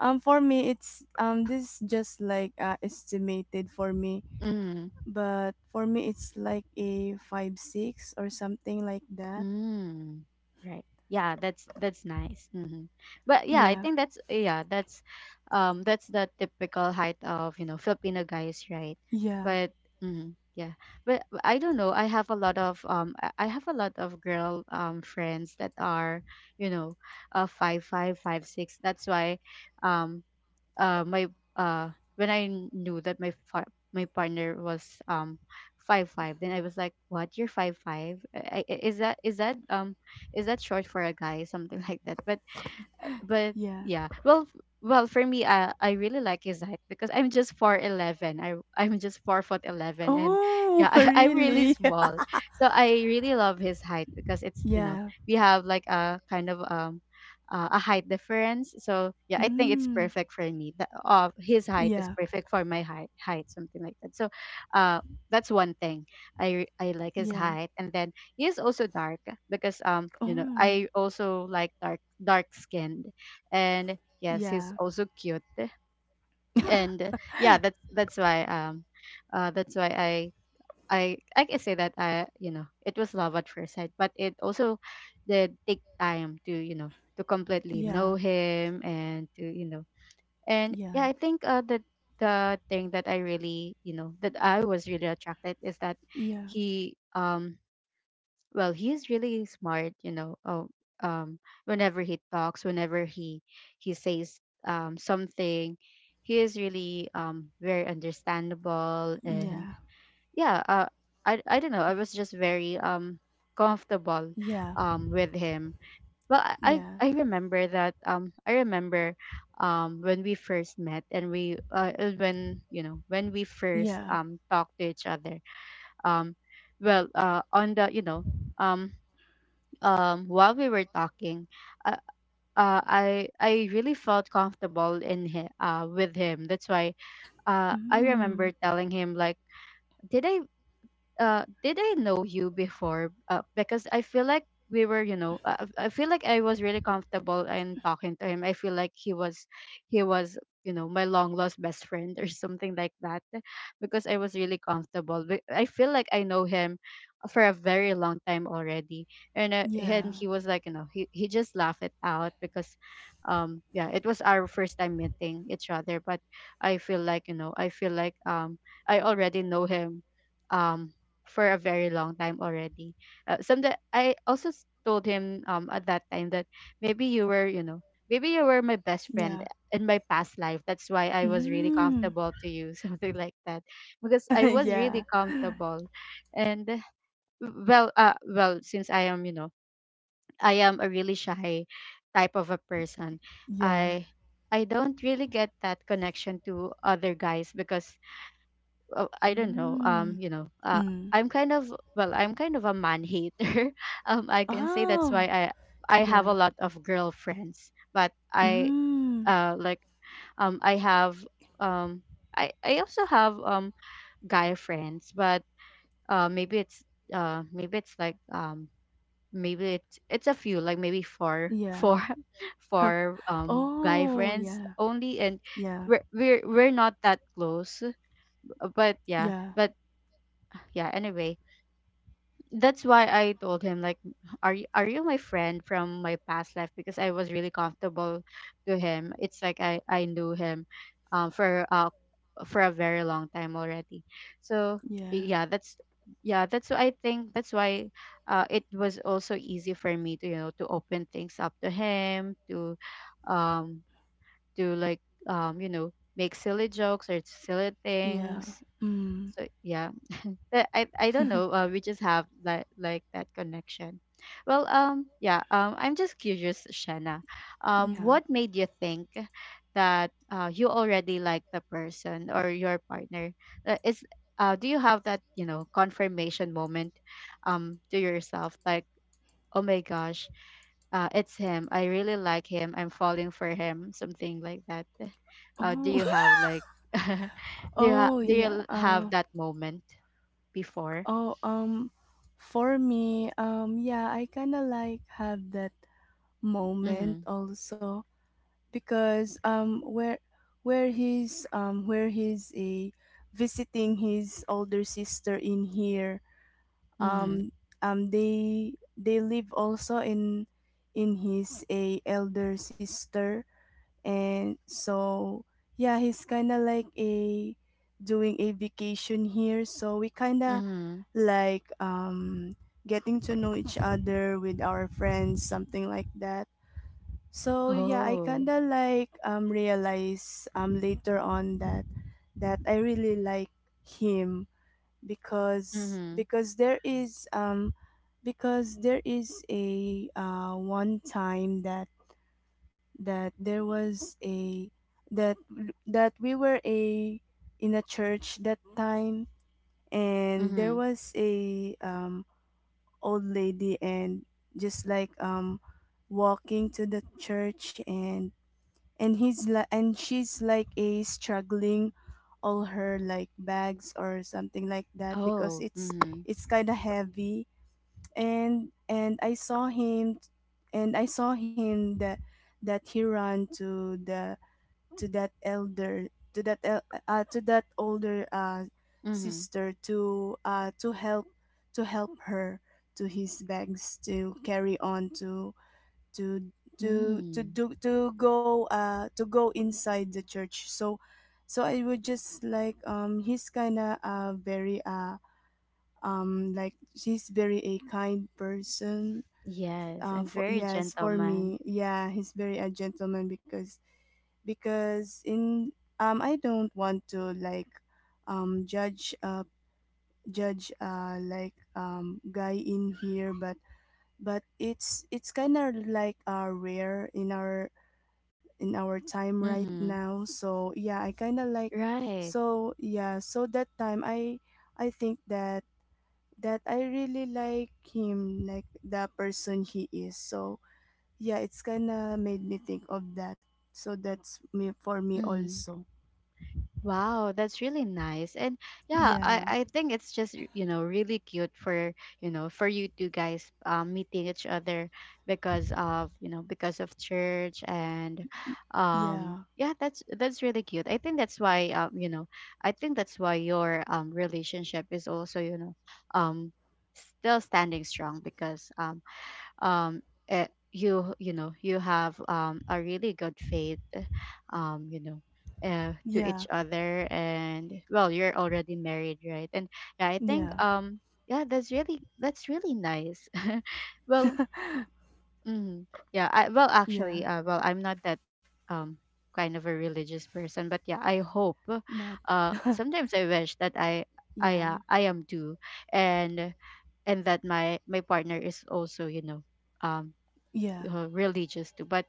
B: for me it's this just like estimated for me,
A: Mm-hmm.
B: but for me it's like a 5 6 or something like that.
A: Mm, right. Yeah, that's nice. Hmm. But yeah, I
B: Yeah.
A: think that's, yeah, that's, that's the typical height of, you know, Filipino guys, right?
B: Yeah.
A: But mm, yeah. But I don't know. I have a lot of I have a lot of girl, friends that are, you know, five five, 5'6". That's why, um my uh, when I knew that my my partner was, um five five, then I was like, "What? You're five five? Is that, is that short for a guy?" Something like that. But
B: Yeah.
A: yeah, well, well, for me, I really like his height, because I'm just 411, I'm just 4 foot 11, and
B: Oh,
A: yeah. I, I'm really
B: really?
A: small, so I really love his height, because, it's, you know,
B: Yeah.
A: we have like a kind of, a height difference. So yeah, I think it's
B: Mm.
A: perfect for me. The, his height is
B: Yeah.
A: perfect for my height, height, something like that. So uh that's one thing, I like his
B: Yeah.
A: height. And then he is also dark, because, you know,
B: Oh.
A: I also like dark, dark skinned and yes,
B: Yeah.
A: he's also cute. And yeah, that's why, that's why I can say that, I, you know, it was love at first sight, but it also did take time to, you know, to completely
B: Yeah.
A: know him, and to, you know, and
B: Yeah,
A: yeah, I think, the thing that I really, you know, that I was really attracted is that
B: yeah,
A: he, well, he is really smart, you know. Oh, um whenever he talks, whenever he says, something, he is really, very understandable, and
B: yeah,
A: yeah. I don't know, I was just very, comfortable,
B: yeah,
A: with him. well i
B: yeah,
A: I remember that, I remember, when we first met, and we when, you know, when we first,
B: yeah.
A: talked to each other, um on the, you know, um while we were talking, uh, I really felt comfortable in with him. That's why, I
B: Mm,
A: remember telling him, like, "Did I, did I know you before? Because I feel like we were, you know, I feel like I was really comfortable in talking to him. I feel like he was, you know, my long lost best friend, or something like that, because I was really comfortable. I feel like I know him for a very long time already." And
B: yeah,
A: and he was like, you know, he just laughed it out, because, yeah, it was our first time meeting each other. But I feel like, you know, I feel like, I already know him, um for a very long time already. Some that I also told him at that time that maybe you were maybe you were my best friend
B: yeah.
A: in my past life. That's why I was really
B: Mm,
A: comfortable to you, something like that, because I was
B: yeah,
A: really comfortable, and well, well, since I am I am a really shy type of a person,
B: yeah.
A: I. I don't really get that connection to other guys because I don't know.
B: Mm, mm.
A: I'm kind of I'm kind of a man hater. I can say that's
B: Oh,
A: why I have
B: yeah.
A: a lot of girlfriends, but
B: Mm,
A: uh like I have um I also have guy friends, but uh maybe it's maybe it's it's a few like maybe four
B: yeah. Huh.
A: four guy
B: Oh,
A: friends
B: yeah,
A: only, and
B: yeah,
A: we're not that close. Uh, but yeah
B: yeah,
A: but yeah anyway, that's why I told him like, "Are you my friend from my past life?" Because I was really comfortable to him. It's like I knew him, um, for uh for a very long time already. So
B: yeah,
A: yeah, that's yeah, that's why I think that's why it was also easy for me to to open things up to him, to um to like make silly jokes or silly
B: yeah.
A: things.
B: Mm,
A: So yeah, that I don't know. We just have like that connection. Yeah. I'm just curious, Shanna.
B: yeah.
A: What made you think that you already like the person or your partner? Is do you have that confirmation moment, to yourself? Like, oh my gosh, it's him. I really like him. I'm falling for him. Something like that. Do
B: Oh,
A: you have like, do
B: oh,
A: do
B: yeah.
A: you have that moment before?
B: Oh, for me, yeah, I kind of like have that
A: Mm-hmm.
B: moment also, because where he's a visiting his older sister in here.
A: Mm-hmm.
B: um they live also in his a elder sister, and so yeah, he's kind of like a doing a vacation here, so we kind of
A: Mm-hmm.
B: like getting to know each other with our friends, something like that. So yeah, I
A: Oh.
B: kinda like realize later on that that I really like him, because
A: Mm-hmm.
B: there is a one time that that there was a that that we were a in a church that time. And there
A: Mm-hmm.
B: was a old lady, and just like walking to the church, and she's like a struggling all her like bags or something like that, because
A: Oh. Mm-hmm.
B: it's kind of heavy. And I saw him that that he ran to the to that elder to that to that older
A: Mm-hmm.
B: sister to help her, to his bags to carry on to to
A: Mm.
B: do to go inside the church. So so I would just like he's kind of very like he's very a kind person.
A: Yes, and
B: For,
A: very
B: yes, for me,
A: gentleman.
B: yeah, he's very a gentleman, because in I don't want to like um judge uh judge like guy in here, but it's kind of like rare in our time right
A: Mm-hmm.
B: now, so yeah, I kind of like.
A: Right.
B: So yeah, so that time I think that that I really like him, like the person he is. So yeah, it's kind of made me think of that, so that's me for me
A: Mm-hmm.
B: also.
A: Wow, that's really nice. And yeah,
B: Yeah.
A: I think it's just, you know, really cute for, you know, for you two guys meeting each other because of, you know, because of church. And
B: Y-, yeah,
A: yeah, that's really cute. I think that's why I think that's why your relationship is also, you know, um still standing strong because um you you know you have a really good faith, um you know to
B: yeah,
A: each other. And well, you're already married, right? and Yeah, I think
B: yeah,
A: yeah, that's really nice. Well, mm, yeah, well
B: yeah.
A: actually well, I'm not that um kind of a religious person, but yeah, I hope
B: But
A: sometimes I wish that
B: yeah,
A: I am too, and and that my partner is also, you know, um
B: yeah,
A: religious too. But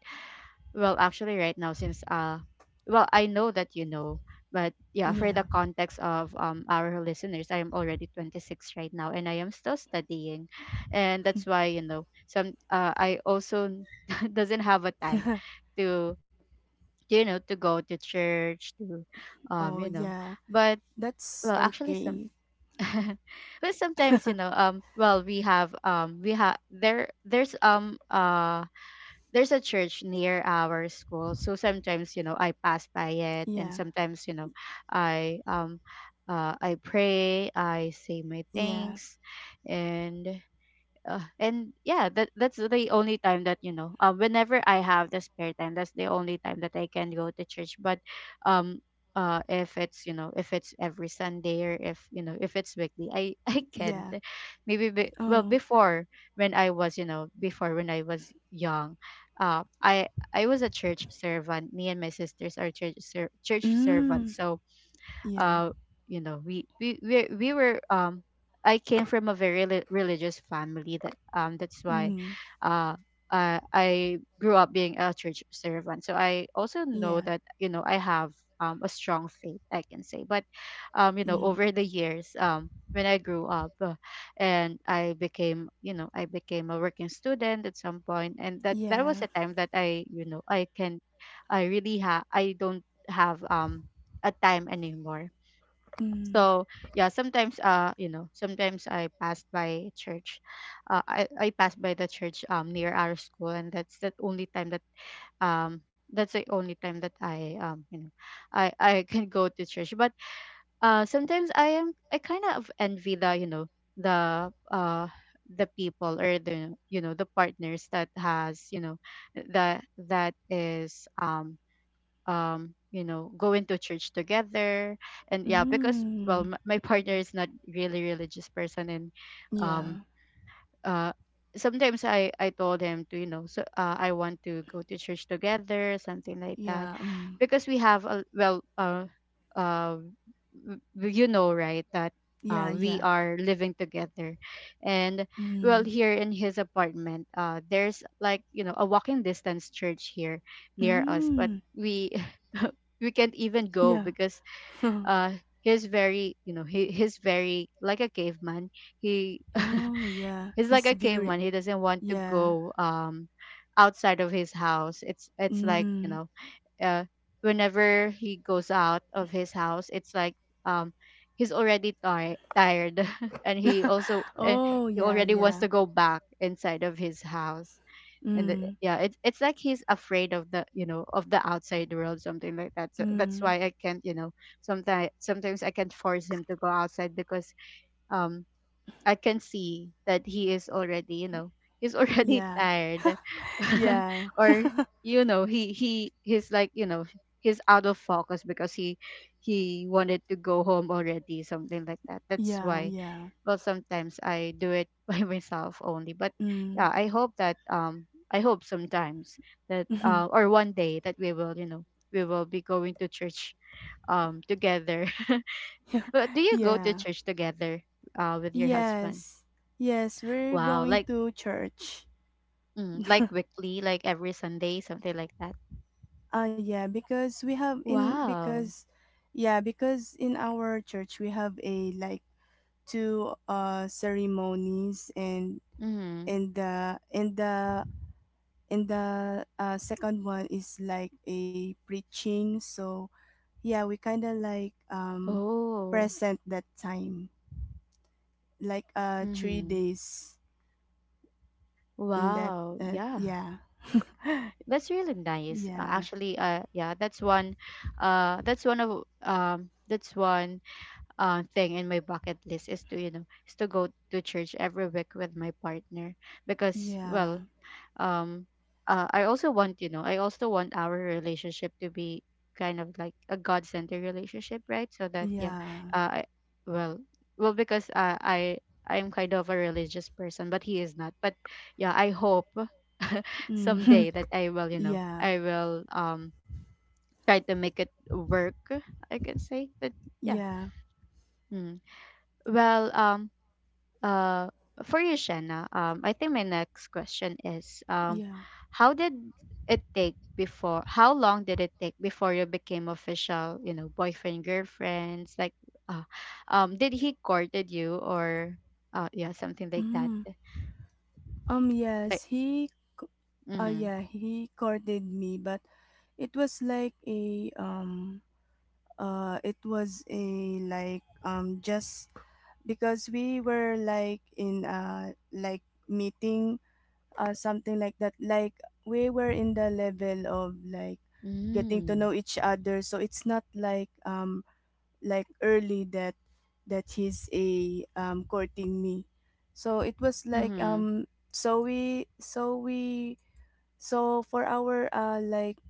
A: well, actually, right now, since well, I know that you know, but yeah, for the
B: yeah.
A: context of our listeners, I am already 26 right now, and I am still studying, and that's why, you know, some I also doesn't have a time to to go to church, to
B: Oh,
A: um you know,
B: yeah.
A: but
B: That's
A: well, actually
B: okay.
A: some. But sometimes, you know, well, we have there's a church near our school, so sometimes, you know, I pass by it,
B: Yeah,
A: and sometimes, you know, i um I pray, I say my
B: yeah,
A: thanks, and and yeah, that that's the only time that, you know, whenever I have the spare time, that's the only time that I can go to church. But um if it's, you know, if it's every Sunday, or if, you know, if it's weekly, I I can't.
B: yeah.
A: Maybe be, well,
B: Oh.
A: before when I was, you know, before when I was young, uh i I was a church servant, me and my sisters are church church
B: Mm.
A: servants. So
B: Yeah.
A: uh you know, we were I came from a very religious family, that that's why
B: Mm.
A: uh I grew up being a church servant. So I also know
B: Yeah.
A: that, you know, I have a strong faith, I can say. But you know,
B: Mm.
A: over the years, when I grew up, and I became, you know, I became a working student at some point, and that that was
B: Yeah.
A: a time that I, you know, I can, I don't have a time anymore.
B: Mm.
A: So yeah, sometimes you know, sometimes I passed by church, I passed by the church near our school, and that's the only time that um that's the only time that I I can go to church. But sometimes I kind of envy the, you know, the uh the people, or the, you know, the partners that has, you know, that is going to church together. And yeah, because
B: Mm.
A: my partner is not really religious person, and
B: Yeah.
A: um uh sometimes I told him to, you know, so I want to go to church together, something like that,
B: Yeah. Mm.
A: because we have a, uh you know, right, that
B: Yeah.
A: we
B: Yeah.
A: are living together. And
B: Mm.
A: well, here in his apartment, there's like, you know, a walking distance church here near us, but
B: Mm.
A: we we can't even go
B: Yeah.
A: because uh he's very, you know, he's very like a caveman. He
B: oh yeah.
A: he's like
B: He's
A: a
B: very.
A: caveman. He doesn't want to
B: Yeah.
A: go outside of his house. It's like,
B: Mm.
A: you know, uh whenever he goes out of his house, it's like, um he's already tired and he also and
B: Oh,
A: he
B: yeah.
A: already wants to
B: Yeah.
A: go back inside of his house. And the,
B: Mm.
A: yeah, it's like he's afraid of the, you know, of the outside world, something like that. So that's
B: Mm.
A: why I can't, you know, sometimes I can't force him to go outside because um I can see that he is already, you know, he's already
B: Yeah.
A: tired,
B: Yeah.
A: or, you know, he's like, you know, he's out of focus. Because he wanted to go home already, something like that. That's
B: Yeah.
A: why.
B: Yeah.
A: Well, sometimes I do it by myself only, but yeah,
B: Mm.
A: I hope that I hope sometimes that or one day that we will, you know, we will be going to church together.
B: yeah.
A: But do you go to
B: Yeah.
A: church together with your husband?
B: Yes. Yes, we're
A: Wow,
B: going
A: like
B: to church.
A: mm, like weekly, like every Sunday, something like that.
B: Yeah, because we have in
A: Wow.
B: because yeah, because in our church we have a like two ceremonies,
A: Mm-hmm.
B: and the and the and the second one is like a preaching. So yeah, we kind of like
A: Oh.
B: present that time like three
A: Mm-hmm.
B: days in that
A: Wow. Yeah.
B: yeah.
A: That's really nice.
B: Yeah,
A: Actually, yeah, that's one of that's one thing in my bucket list is to, you know, is to go to church every week with my partner because
B: yeah,
A: um I also want, you know, I also want our relationship to be kind of like a god centered relationship, right? So that, yeah,
B: yeah.
A: uh, I, well, well because I'm kind of a religious person but he is not. But yeah, I hope someday
B: Mm.
A: that I will, you know,
B: yeah,
A: I will try to make it work, I can say. But yeah,
B: yeah,
A: mm. well, uh, for you, Shanna, I think my next question is,
B: yeah.
A: how did it take before? How long did it take before you became official? You know, boyfriend, girlfriends, like, uh, did he courted you? Or, yeah, something like that?
B: Mm.
A: Like,
B: Yes, he, c-
A: mm-hmm,
B: yeah, he courted me, but it was like a, it was a, like, just because we were like in, like meeting, something like that. Like, we were in the level of like getting to
A: mm-hmm,
B: know each other, so it's not like, like early that that he's a courting me. So it was like
A: mm-hmm,
B: so we so for our like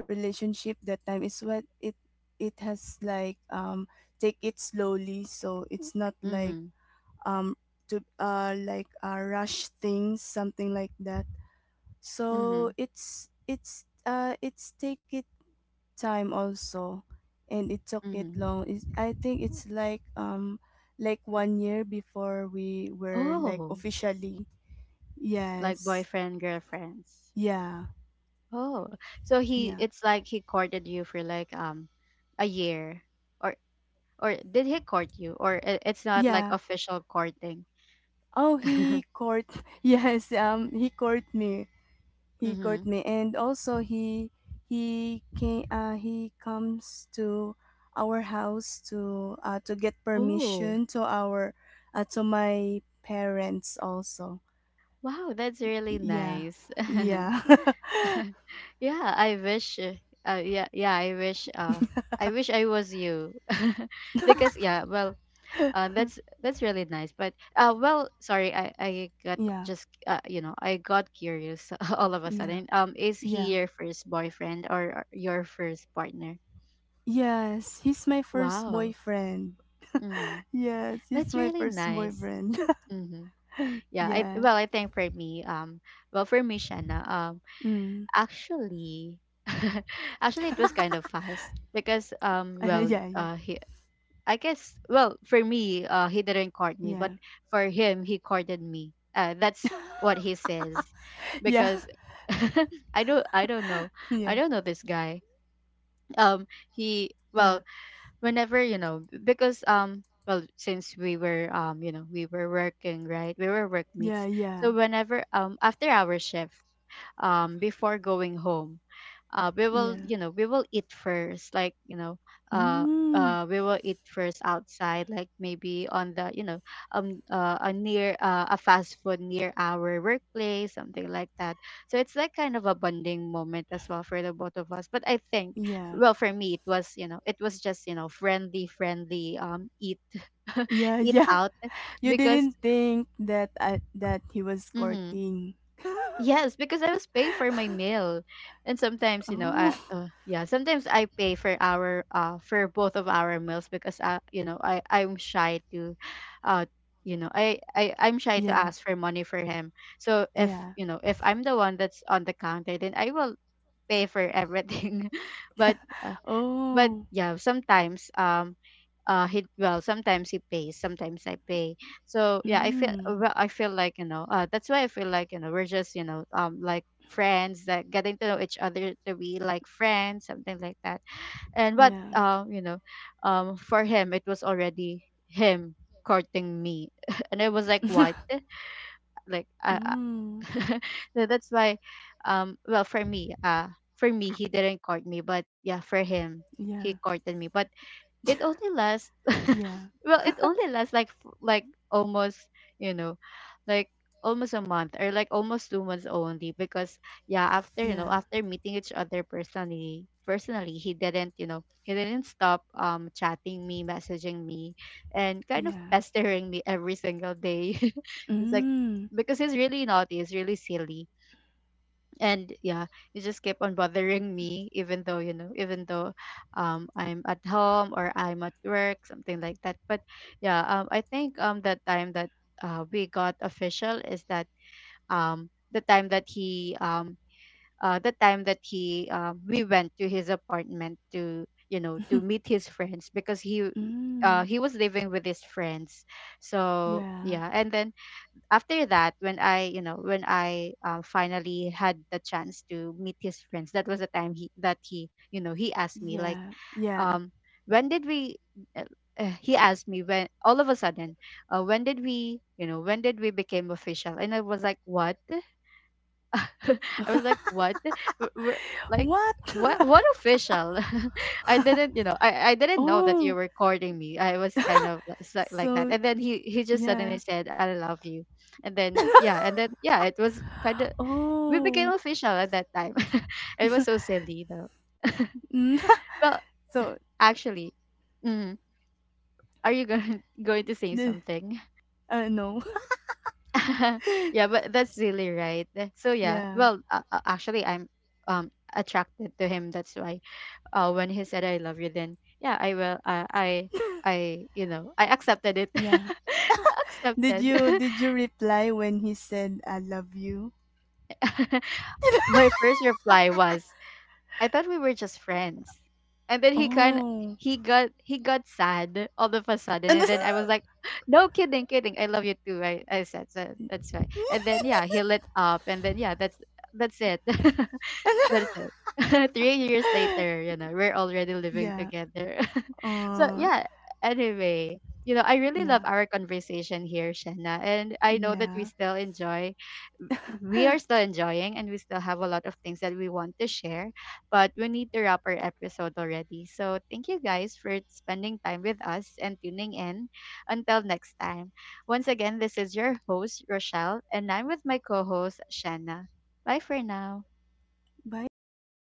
B: relationship that time is what it has like take it slowly, so it's not like
A: mm-hmm,
B: um to like rush things, something like that.
A: mm-hmm,
B: So it's take it time also, and it took it
A: mm-hmm.
B: long. It's, I think it's like one year before we were like
A: Oh,
B: officially,
A: like
B: yes,
A: boyfriend, girlfriends.
B: yeah,
A: Oh, so he,
B: yeah.
A: it's like he courted you for like a year or? Or did he court you? Or it's not like
B: Yeah.
A: official courting?
B: Oh, he court, yes, he court me. He
A: Mm-hmm.
B: court me, and also he came he comes to our house to get
A: Oh,
B: permission to our to my parents also.
A: wow, that's really
B: Yeah,
A: nice.
B: yeah.
A: Yeah, I wish. Yeah, yeah, I wish. I wish I was you, because yeah, that's really nice. But well, sorry, I got
B: Yeah,
A: just you know, I got curious all of a
B: yeah,
A: sudden. Is
B: yeah.
A: he your first boyfriend or your first partner?
B: Yes, he's my first
A: Wow.
B: boyfriend.
A: Mm-hmm.
B: Yes, he's
A: That's
B: my
A: really
B: first
A: nice.
B: boyfriend.
A: Mm-hmm. Yeah, I
B: yeah.
A: well, I think for me, well, for me, Shanna,
B: Mm.
A: actually, actually, it was kind of fast because,
B: yeah, yeah,
A: I guess, well, for me, he didn't court me, but
B: yeah,
A: for him, he courted me. That's what he says,
B: yeah,
A: because I don't, I don't know, I
B: yeah,
A: don't know this guy. Um, he,
B: yeah,
A: well, whenever you know because well since we were we were working, right? We were
B: yeah,
A: workmates. So
B: yeah,
A: whenever, after our shift, before going home, we will,
B: yeah.
A: we will eat first, uh
B: Mm.
A: we will eat first outside, like maybe on the, a near, a fast food near our workplace, something like that. So it's like kind of a bonding moment as well for the both of us, but I think,
B: Yeah,
A: well, for me, it was, it was just, friendly, eat
B: yeah,
A: eat
B: yeah.
A: out,
B: You
A: because
B: didn't think that that he was
A: mhm,
B: courting.
A: yes, because I was paying for my meal, and sometimes, I,
B: Oh,
A: yeah, sometimes I pay for our, for both of our meals, because I, I'm shy to, uh I'm shy to
B: yeah,
A: ask for money for him. So if
B: yeah.
A: you know if I'm the one that's on the counter, then I will pay for everything, but uh, but
B: Oh,
A: yeah, sometimes he, well, sometimes he pays, sometimes I pay. So yeah, I feel,
B: mm,
A: well, I feel like, that's why I feel like, we're just, like friends, like getting to know each other, to be like friends, something like that. and but
B: yeah.
A: um you know um for him, it was already him courting me, and I was like, what? Like
B: Oh.
A: so that's why, for me, for me, he didn't court me, but yeah, for him, he
B: Yeah,
A: courted me, but it only lasts
B: yeah,
A: well, it only lasts like like almost, you know like almost a month, or like almost 2 months only, because yeah, after,
B: yeah,
A: after meeting each other personally, personally he didn't, he didn't stop, chatting me, messaging me, and kind of
B: yeah.
A: pestering me every single day. It's like,
B: Mm.
A: because he's really naughty, he's really silly, and yeah, you just keep on bothering me, even though, even though, I'm at home or I'm at work, something like that. But yeah, I think, the time that we got official is that, the time that he the time that he we went to his apartment to, to meet his friends, because
B: Mm.
A: he was living with his friends. So
B: Yeah.
A: yeah, and then after that, when I, when I finally had the chance to meet his friends, that was the time he that he, he asked me like,
B: Yeah. Yeah.
A: um when did we, uh, he asked me, when, all of a sudden, when did we, when did we became official? And I was like, what? I was like, what? We're, like,
B: What?
A: what? What official? I didn't, I didn't know that you
B: Oh,
A: were courting me. I was kind of like that,
B: so
A: and then he just suddenly
B: yeah.
A: said, "I love you," and then yeah, it was kind of, we became
B: Oh.
A: official at that time. It was so silly though.
B: Mm.
A: Well,
B: So
A: actually, mm, are you going going to say
B: the
A: something?
B: no.
A: Yeah, but that's silly, right? So yeah,
B: Yeah.
A: well, actually, I'm attracted to him. That's why, when he said I love you, then yeah, I will. I accepted it.
B: Yeah. Did
A: Accepted.
B: you, did you reply when he said I love you?
A: My first reply was, I thought we were just friends, and then
B: Oh.
A: he got, he got sad all of a sudden,
B: And
A: and then I was like, no kidding, kidding. I love you too. I said. So that's why, and then yeah, he lit up, and then yeah, that's it. That's it. 3 years later, you know, we're already living
B: yeah.
A: together. So
B: Uh
A: yeah, anyway, you know, I really love
B: yeah.
A: our conversation here, Shanna. And I know that
B: Yeah.
A: we are still enjoying and we still have a lot of things that we want to share, but we need to wrap our episode already. So thank you guys for spending time with us and tuning in. Until next time. Once again, this is your host, Rochelle, and I'm with my co host, Shanna. Bye for now.
B: Bye guys.